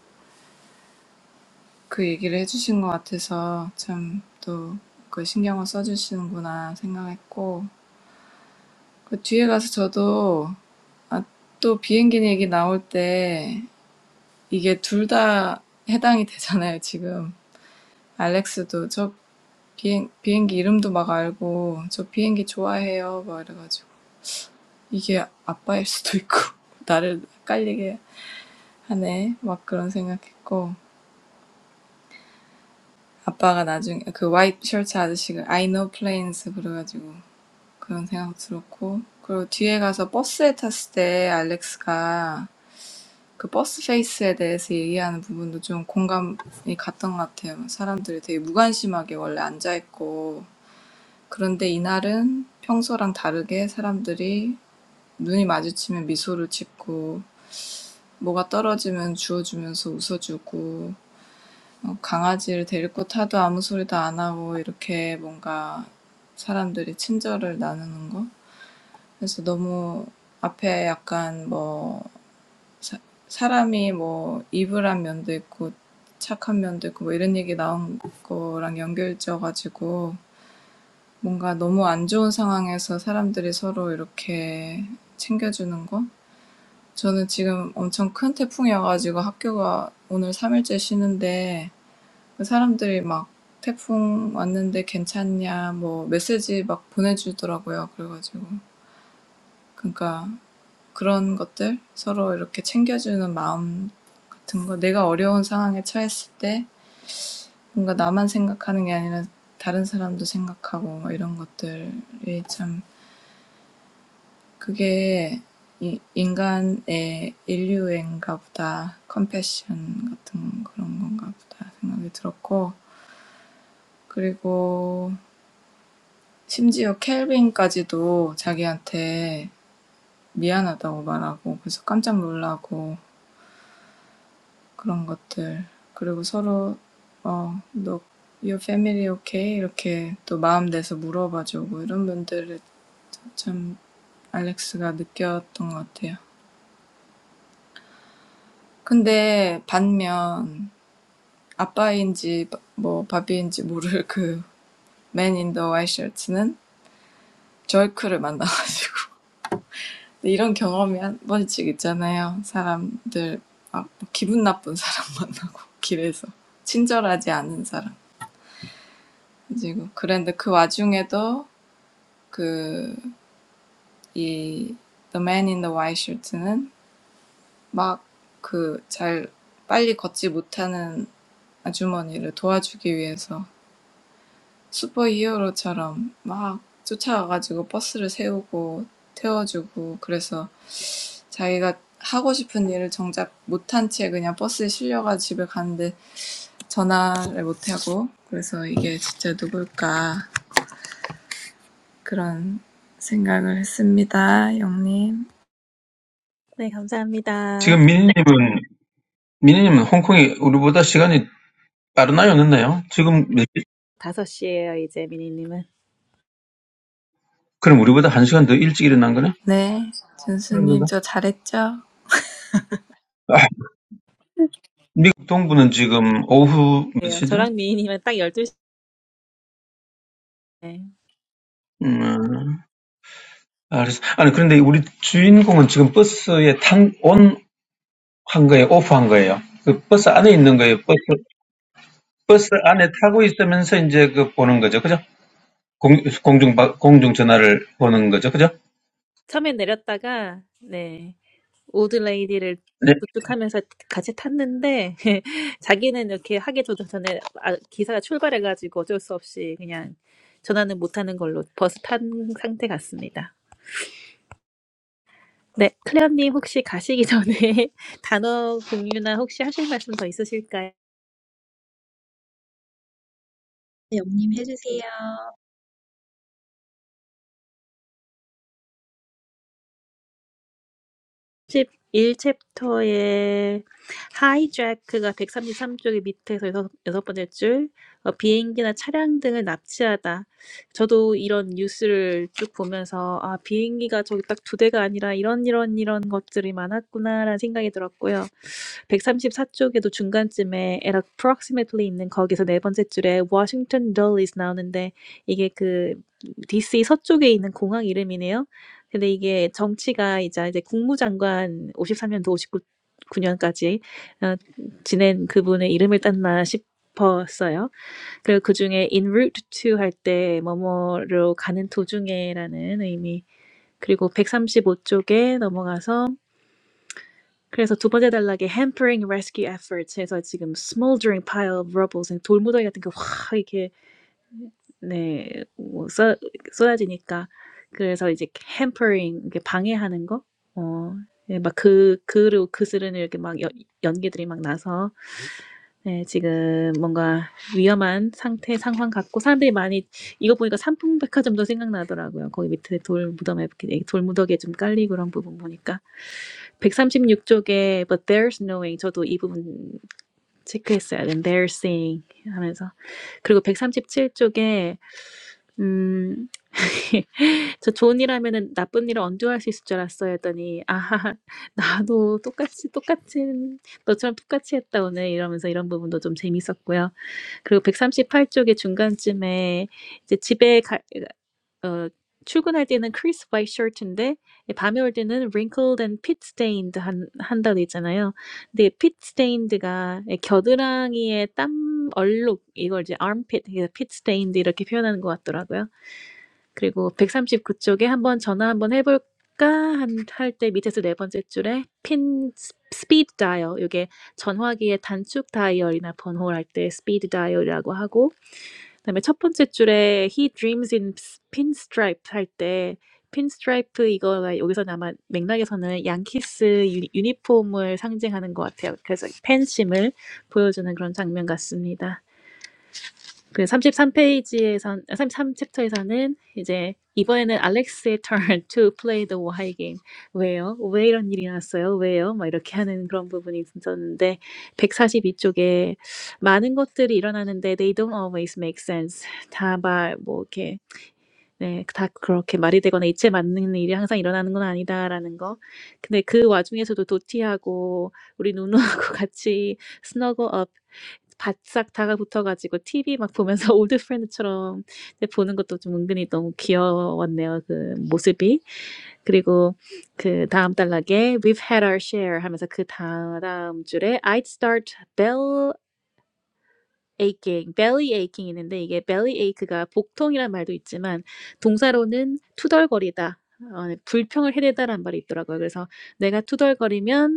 Speaker 4: 그 얘기를 해주신 것 같아서 참 또 그 신경을 써주시는구나 생각했고 그 뒤에 가서 저도 아, 또 비행기 얘기 나올 때 이게 둘 다 해당이 되잖아요 지금 알렉스도 저 비행 비행기 이름도 막 알고 저 비행기 좋아해요 막 이래가지고 이게 아빠일 수도 있고 *laughs* 나를 헷갈리게 하네 막 그런 생각했고 아빠가 나중에 그 화이트 셔츠 아저씨가 I know planes 그래가지고 그런 생각 들었고 그리고 뒤에 가서 버스에 탔을 때 알렉스가 그 버스 페이스에 대해서 얘기하는 부분도 좀 공감이 갔던 것 같아요. 사람들이 되게 무관심하게 원래 앉아있고 그런데 이날은 평소랑 다르게 사람들이 눈이 마주치면 미소를 짓고 뭐가 떨어지면 주워주면서 웃어주고 어, 강아지를 데리고 타도 아무 소리도 안 하고 이렇게 뭔가 사람들이 친절을 나누는 거? 그래서 너무 앞에 약간 뭐 사, 사람이 뭐 이불한 면도 있고 착한 면도 있고 뭐 이런 얘기 나온 거랑 연결지어가지고 뭔가 너무 안 좋은 상황에서 사람들이 서로 이렇게 챙겨주는 거? 저는 지금 엄청 큰 태풍이어가지고 학교가 오늘 3일째 쉬는데 사람들이 막 태풍 왔는데 괜찮냐 뭐 메시지 막 보내주더라고요. 그래가지고 그러니까 그런 것들 서로 이렇게 챙겨주는 마음 같은 거 내가 어려운 상황에 처했을 때 뭔가 나만 생각하는 게 아니라 다른 사람도 생각하고 뭐 이런 것들이 참 그게 이 인간의 인류애인가 보다 컴패션 같은 그런 건가 보다 생각이 들었고 그리고 심지어 켈빈까지도 자기한테 미안하다고 말하고 그래서 깜짝 놀라고 그런 것들 그리고 서로 어, 너 your family okay? 이렇게 또 마음 내서 물어봐주고 이런 분들을 참 알렉스가 느꼈던 것 같아요. 근데 반면 아빠인지 뭐 바비인지 모를 그 맨 인 더 와이셔츠는 절크를 만나가지고 이런 경험이 한 번씩 있잖아요. 사람들 막 기분 나쁜 사람 *laughs* 만나고 길에서 친절하지 않은 사람. 그리고 그런데 그 와중에도 그 이 The Man in the White Shirt는 막 그 잘 빨리 걷지 못하는 아주머니를 도와주기 위해서 슈퍼히어로처럼 막 쫓아가가지고 버스를 세우고 태워주고 그래서 자기가 하고 싶은 일을 정작 못한 채 그냥 버스에 실려가 집에 갔는데 전화를 못하고 그래서 이게 진짜 누굴까 그런 생각을 했습니다. 영님.
Speaker 2: 네, 감사합니다.
Speaker 5: 지금 미니님은 미니님은 홍콩이 우리보다 시간이 빠르나요, 늦나요? 지금 몇
Speaker 2: 5시예요, 이제 미니님은.
Speaker 5: 그럼 우리보다 한 시간 더 일찍 일어난 거네?
Speaker 4: 네.
Speaker 5: 그런
Speaker 4: 준수님
Speaker 5: 건가?
Speaker 4: 저 잘했죠?
Speaker 5: 아, 미국 동부는 지금 오후 몇
Speaker 2: 그래요.
Speaker 5: 시죠?
Speaker 2: 저랑 미니님은 딱 12시.
Speaker 5: 음, 알았어. 아니 그런데 우리 주인공은 지금 버스에 탄 온 한 거예요, 오프 한 거예요. 그 버스 안에 있는 거예요. 버스 버스 안에 타고 있으면서 이제 그 보는 거죠. 그죠? 공, 공중, 바- 공중전화를 보는 거죠. 그죠?
Speaker 2: 처음에 내렸다가 네 올드레이디를
Speaker 5: 네.
Speaker 2: 부축하면서 같이 탔는데 *laughs* 자기는 이렇게 하기 도 전에 아, 기사가 출발해가지고 어쩔 수 없이 그냥 전화는 못하는 걸로 버스 탄 상태 같습니다. 네, 클레어님 혹시 가시기 전에 *laughs* 단어 공유나 혹시 하실 말씀 더 있으실까요?
Speaker 1: 영님 해주세요.
Speaker 2: 1챕터에 하이잭크가 133쪽에 밑에서 여섯, 여섯 번째 줄 어, 비행기나 차량 등을 납치하다. 저도 이런 뉴스를 쭉 보면서 아 비행기가 저기 딱 두 대가 아니라 이런 이런 이런 것들이 많았구나라는 생각이 들었고요. 134쪽에도 중간쯤에 at approximately 있는 거기서 네 번째 줄에 Washington Dulles 나오는데 이게 그 DC 서쪽에 있는 공항 이름이네요. 근데 이게 정치가 이제 이제 국무장관 53 년도 59 9년까지 어, 지낸 그분의 이름을 땄나 싶었어요. 그리고 그 중에 in route to 할 때 뭐뭐로 가는 도중에라는 의미. 그리고 135쪽에 넘어가서 그래서 두 번째 단락에 hampering rescue efforts 해서 지금 smoldering pile of rubble 돌무더기 같은 그확 이렇게 네. 뭐 쏟, 쏟아지니까. 그래서 이제 hampering 이렇게 방해하는 거? 어예막그 그로 그스르이 이렇게 막연 연기들이 막 나서 예 지금 뭔가 위험한 상태 상황 같고 사람들이 많이 이거 보니까 삼풍백화점도 생각나더라고요. 거기 밑에 돌 무덤에 이렇게 예 돌무더기에 좀 깔리고 그런 부분 보니까. 136 쪽에 but there's no way 저도 이 부분 체크했어요. Embarrassing 하면서. 그리고 137쪽에, 음, *laughs* 저 좋은 일 하면은 나쁜 일을 언제 할 수 있을 줄 알았어요. 했더니, 아, 나도 똑같이, 똑같이, 너처럼 똑같이 했다, 오늘. 이러면서 이런 부분도 좀 재밌었고요. 그리고 138쪽에 중간쯤에 이제 집에 가, 어 출근할 때는 crisp white shirt인데 밤에 올 때는 wrinkled and pit stained 한 한다고 돼 있잖아요. 근데 pit stained가 겨드랑이의 땀 얼룩 이걸 이제 armpit, pit stained 이렇게 표현하는 것 같더라고요. 그리고 139쪽에 한번 전화 한번 해볼까 할 때 밑에서 네 번째 줄에 pin speed dial 이게 전화기의 단축 다이얼이나 번호를 할때 스피드 다이얼이라고 하고 그다음에 첫 번째 줄에 "He dreams in pinstripe." 할 때 pinstripe 이거가 여기서 아마 맥락에서는 양키스 유니폼을 상징하는 것 같아요. 그래서 팬심을 보여주는 그런 장면 같습니다. 그 33페이지에선 33챕터에서는 이제 이번에는 Alex의 turn to play the why game. 왜요? 왜 이런 일이 났어요? 왜요? 막 이렇게 하는 그런 부분이 있었는데 142쪽에 많은 것들이 일어나는데 they don't always make sense. 다막뭐 이렇게 네, 다 그렇게 말이 되거나 이치에 맞는 일이 항상 일어나는 건 아니다라는 거. 근데 그 와중에서도 도티하고 우리 누누하고 *laughs* 같이 snuggle up. 바싹 다가붙어 가지고 TV 막 보면서 *laughs* 올드 프렌드처럼 이제 보는 것도 좀 은근히 너무 귀여웠네요, 그 모습이. 그리고 그다음 단락에 "We've had our share" 하면서 그다음 줄에 "I'd start bell aching, belly aching" 있는데 이게 belly ache가 복통이란 말도 있지만 동사로는 투덜거리다, 어 불평을 해대다라는 말이 있더라고요. 그래서 내가 투덜거리면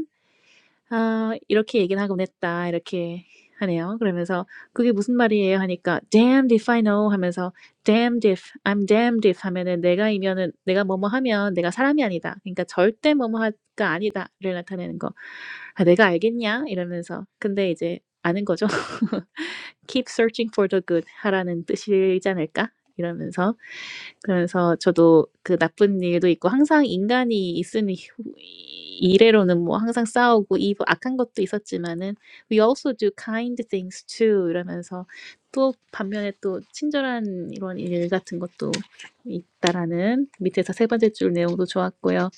Speaker 2: 아 이렇게 얘기는 하곤 했다. 이렇게 하네요. 그러면서 그게 무슨 말이에요? 하니까 damned if I know 하면서 damned if I'm damned if 하면은 내가이면은 내가 뭐뭐 하면 내가 사람이 아니다. 그러니까 절대 뭐뭐가 아니다를 나타내는 거. 아, 내가 알겠냐? 이러면서 근데 이제 아는 거죠. *laughs* Keep searching for the good 하라는 뜻이지 않을까? 이러면서 그래서 저도 그 나쁜 일도 있고 항상 인간이 있으니 후- 이래로는 뭐 항상 싸우고 이 악한 것도 있었지만은 we also do kind things too 이러면서 또 반면에 또 친절한 이런 일 같은 것도 있다라는 밑에서 세 번째 줄 내용도 좋았고요.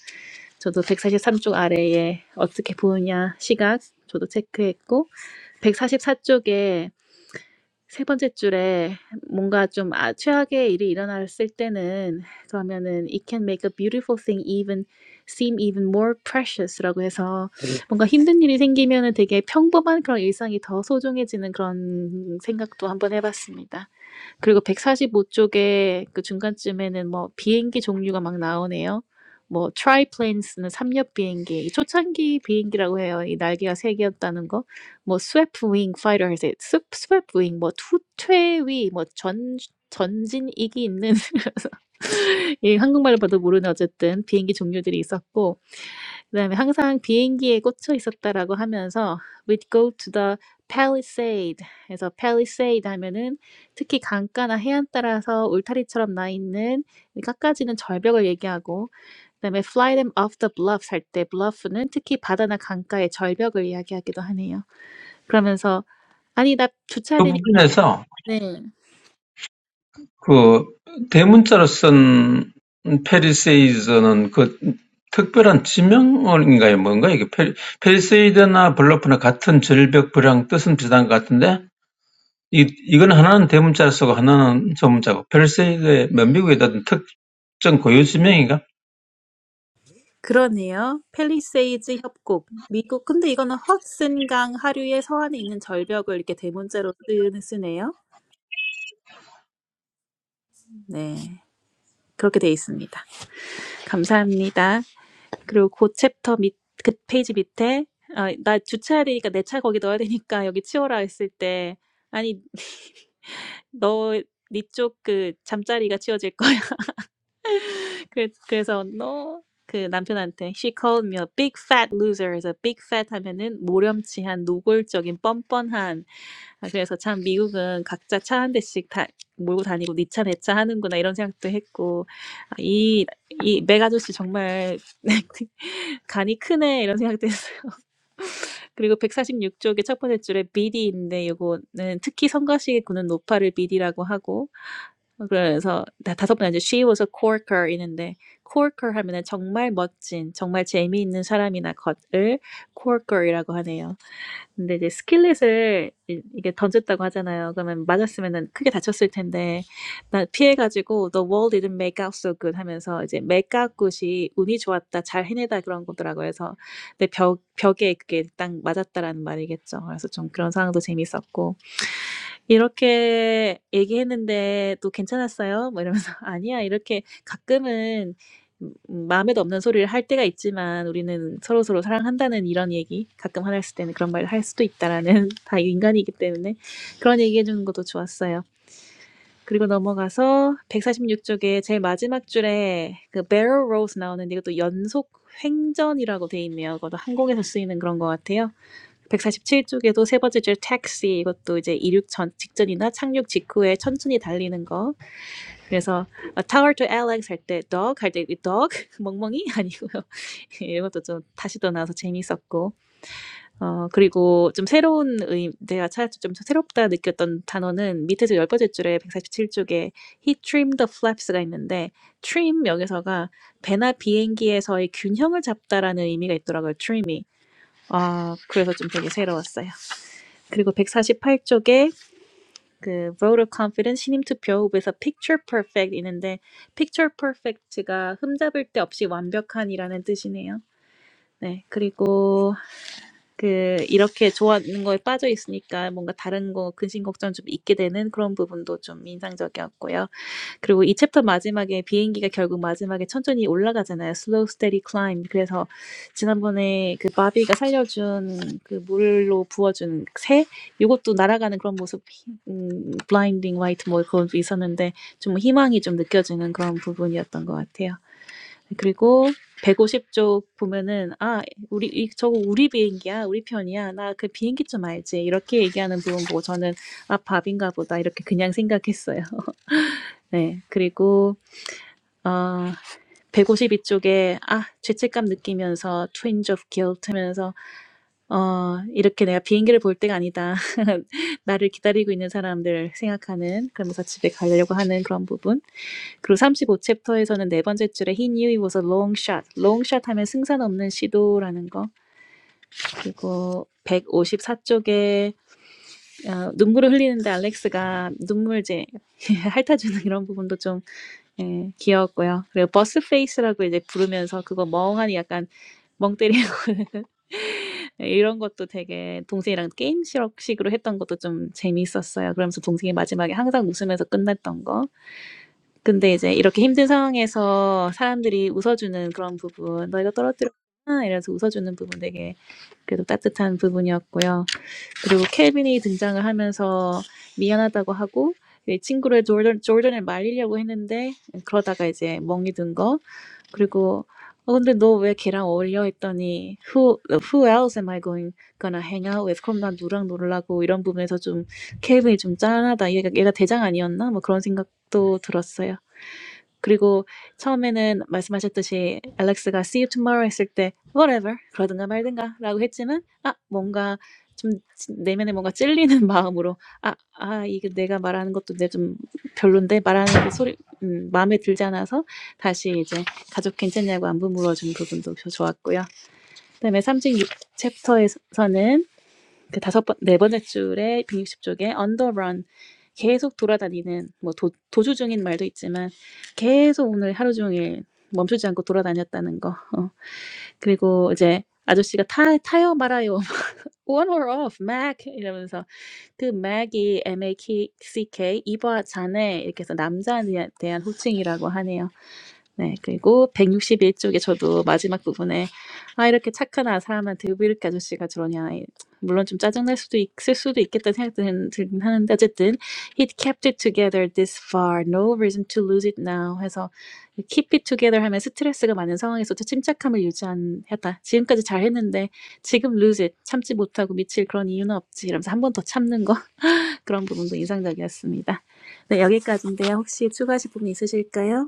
Speaker 2: 저도 143쪽 아래에 어떻게 보느냐 시각 저도 체크했고 144쪽에 세 번째 줄에 뭔가 좀아 최악의 일이 일어났을 때는 그러면은 "It can make a beautiful thing even seem even more precious."라고 해서 뭔가 힘든 일이 생기면은 되게 평범한 그런 일상이 더 소중해지는 그런 생각도 한번 해 봤습니다. 그리고 145쪽에 그 중간쯤에는 뭐 비행기 종류가 막 나오네요. 뭐 트라이플레인스는 삼엽 비행기, 이 초창기 비행기라고 해요. 이 날개가 세 개였다는 거. 뭐 스웨프 윙 파이터 해서 스- 스웨프 윙, 뭐 투, 퇴위, 뭐 전 전진익이 있는 *laughs* 이 한국말로 봐도 모르는 어쨌든 비행기 종류들이 있었고 그다음에 항상 비행기에 꽂혀 있었다라고 하면서 "We'd go to the Palisade." 그래서 Palisade 하면은 특히 강가나 해안 따라서 울타리처럼 나 있는 이 깎아지는 절벽을 얘기하고 그다음에 "Fly them off the bluffs." 할 때 bluff는 특히 바다나 강가의 절벽을 이야기하기도 하네요. 그러면서 아니 나
Speaker 5: 그
Speaker 2: 주차를
Speaker 5: 부분에서
Speaker 2: 네.
Speaker 5: 그 대문자로 쓴 페리세이즈는 그 특별한 지명어인가요? 뭔가 이게 페리, 페리세이드나 블러프나 같은 절벽 불황 뜻은 비슷한 것 같은데 이, 이건 하나는 대문자로 쓰고 하나는 소문자고 페리세이드의 뭐 미국에 어떤 특정 고유 지명인가?
Speaker 2: 그러네요. 팰리세이드 협곡. 미국 근데 이거는 허슨강 하류의 서안에 있는 절벽을 이렇게 대문자로 쓰 쓰네요. 네. 그렇게 돼 있습니다. 감사합니다. 그리고 그 챕터 밑, 그 페이지 밑에, 아, 나 주차해야 되니까 내 차 거기 넣어야 되니까 여기 치워라 했을 때, 아니, *laughs* 너, 니쪽 그 잠자리가 치워질 거야. *laughs* 그, 그래서 너, 그 남편한테 she called me a big fat loser. 그래서 big fat 하면은 모렴치한 노골적인 뻔뻔한 아, 그래서 참 미국은 각자 차 한 대씩 다 몰고 다니고 니 차 내 차 하는구나 이런 생각도 했고 아, 이, 이맥 아저씨 정말 *laughs* 간이 크네 이런 생각도 했어요. *laughs* 그리고 146쪽의 첫 번째 줄에 비디인데 이거는 특히 성가시의 군은 노파를 비디라고 하고 어, 그래서 다- 다섯 번째 이제 she was a corker 있는데 corker 하면은 정말 멋진 정말 재미있는 사람이나 것을 corker이라고 하네요. 근데 이제 스킬렛을 이- 이게 던졌다고 하잖아요. 그러면 맞았으면은 크게 다쳤을 텐데 나 피해가지고 The world didn't make out so good 하면서 이제 make out good이 운이 좋았다, 잘 해내다 그런 거더라고요. 그래서 내 벽, 벽에 그게 딱 맞았다라는 말이겠죠. 그래서 좀 그런 상황도 재밌었고 "이렇게 얘기했는데 또 괜찮았어요?" 뭐 이러면서 *laughs* "아니야." 이렇게 가끔은 음 음 마음에도 없는 소리를 할 때가 있지만 우리는 서로서로 사랑한다는 이런 얘기 가끔 화났을 때는 그런 말을 할 수도 있다라는 *laughs* 다 인간이기 때문에 그런 얘기해 주는 것도 좋았어요. 그리고 넘어가서 146 쪽에 제일 마지막 줄에 그 barrel rolls 나오는데 이것도 연속 횡전이라고 돼 있네요. 그것도 항공에서 쓰이는 그런 것 같아요. 147쪽에도 세 번째 줄 택시, 이것도 이제 이륙 전 직전이나 착륙 직후에 천천히 달리는 거. 그래서 a tower to Alex 할 때 dog 할 때 dog 멍멍이 아니고요. *laughs* 이 것도 좀 다시 또 나와서 재밌었고. 어 그리고 좀 새로운 의 내가 찾좀 새롭다 느꼈던 단어는 밑에서 열 번째 줄에 147쪽에 he trimmed the flaps가 있는데 trim 여기서가 배나 비행기에서의 균형을 잡다라는 의미가 있더라고요. trim이. 아, 그래서 좀 되게 새로웠어요. 그리고 148쪽에 그 voter confidence 신임 투표 후보에서 picture perfect 있는데 picture perfect가 흠잡을 데 없이 완벽한이라는 뜻이네요. 네, 그리고 그 이렇게 좋아하는 거에 빠져 있으니까 뭔가 다른 거 근심 걱정 좀 있게 되는 그런 부분도 좀 인상적이었고요. 그리고 이 챕터 마지막에 비행기가 결국 마지막에 천천히 올라가잖아요. slow steady climb. 그래서 지난번에 그 바비가 살려준 그 물로 부어준 새 요것도 날아가는 그런 모습 음, blinding white 뭐 그런 게 있었는데 좀 희망이 좀 느껴지는 그런 부분이었던 것 같아요. 그리고 150쪽 보면은 아 우리 이- 저거 우리 비행기야 우리 편이야 나 그 비행기 좀 알지 이렇게 얘기하는 부분 보고 저는 아 밥인가 보다 이렇게 그냥 생각했어요. *laughs* 네 그리고 어, 152쪽에, 아, 죄책감 느끼면서, twinge of guilt 하면서, 어, 이렇게 내가 비행기를 볼 때가 아니다. *laughs* 나를 기다리고 있는 사람들 생각하는, 그러면서 집에 가려고 하는 그런 부분. 그리고 35챕터에서는 네 번째 줄에 he knew it was a long shot. long shot 하면 승산 없는 시도라는 거. 그리고 154쪽에, 어, 눈물을 흘리는데 알렉스가 눈물 이제 *laughs* 핥아주는 이런 부분도 좀 예, 귀여웠고요. 그리고 버스 페이스라고 이제 부르면서 그거 멍하니 약간 멍 때리고 *laughs* 예, 이런 것도 되게 동생이랑 게임식으로 했던 것도 좀 재미있었어요. 그러면서 동생이 마지막에 항상 웃으면서 끝냈던 거. 근데 이제 이렇게 힘든 상황에서 사람들이 웃어주는 그런 부분, 너 이거 떨어뜨렸구나 이래서 웃어주는 부분 되게 그래도 따뜻한 부분이었고요. 그리고 켈빈이 등장을 하면서 미안하다고 하고 이 친구를 조던, 조던을 말리려고 했는데 그러다가 이제 멍이 든 거. 그리고 어 근데 너 왜 걔랑 어울려 했더니 who who else am I going gonna hang out with? 그럼 난 누랑 놀라고 이런 부분에서 좀 켈빈이 좀 짠하다. 얘가 얘가 대장 아니었나? 뭐 그런 생각도 들었어요. 그리고 처음에는 말씀하셨듯이 알렉스가 see you tomorrow 했을 때 whatever 그러든가 말든가라고 했지만 아 뭔가 좀 내면에 뭔가 찔리는 *laughs* 마음으로 아, 아 이게 내가 말하는 것도 내 좀 별론데 말하는 그 소리 음, 마음에 들지 않아서 다시 이제 가족 괜찮냐고 안부 물어준 부분도 좋- 좋았고요. 그다음에 36 챕터에서는 그 다섯 번, 네 번째 줄에 160쪽에 on the run 계속 돌아다니는 뭐 도, 도주 중인 말도 있지만 계속 오늘 하루 종일 멈추지 않고 돌아다녔다는 거. 어. 그리고 이제 아저씨가 타, 타요 말아요. *laughs* On or off, Mac 이러면서 그 Mac이 M A C K 이바 자네 이렇게 해서 남자에 대한 호칭이라고 하네요. 네, 그리고 161쪽에 저도 마지막 부분에 아 이렇게 착한 아 사람한테 왜 이렇게 아저씨가 저러냐 물론 좀 짜증날 수도 있을 수도 있겠다 생각 들- 들긴 하는데 어쨌든 he kept it together this far no reason to lose it now 해서 keep it together 하면 스트레스가 많은 상황에서도 침착함을 유지한했다 지금까지 잘했는데 지금 lose it 참지 못하고 미칠 그런 이유는 없지 이러면서 한 번 더 참는 거 *laughs* 그런 부분도 인상적이었습니다 네 여기까지인데요 혹시 추가하실 부분 있으실까요?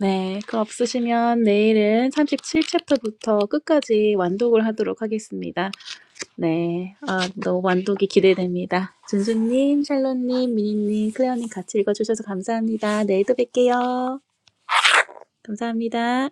Speaker 2: 네. 그 없으시면 내일은 37 챕터부터 끝까지 완독을 하도록 하겠습니다. 네. 아, 너무 완독이 기대됩니다. 준수님, 샬롯님, 미니님, 클레어님 같이 읽어주셔서 감사합니다. 내일도 뵐게요. 감사합니다.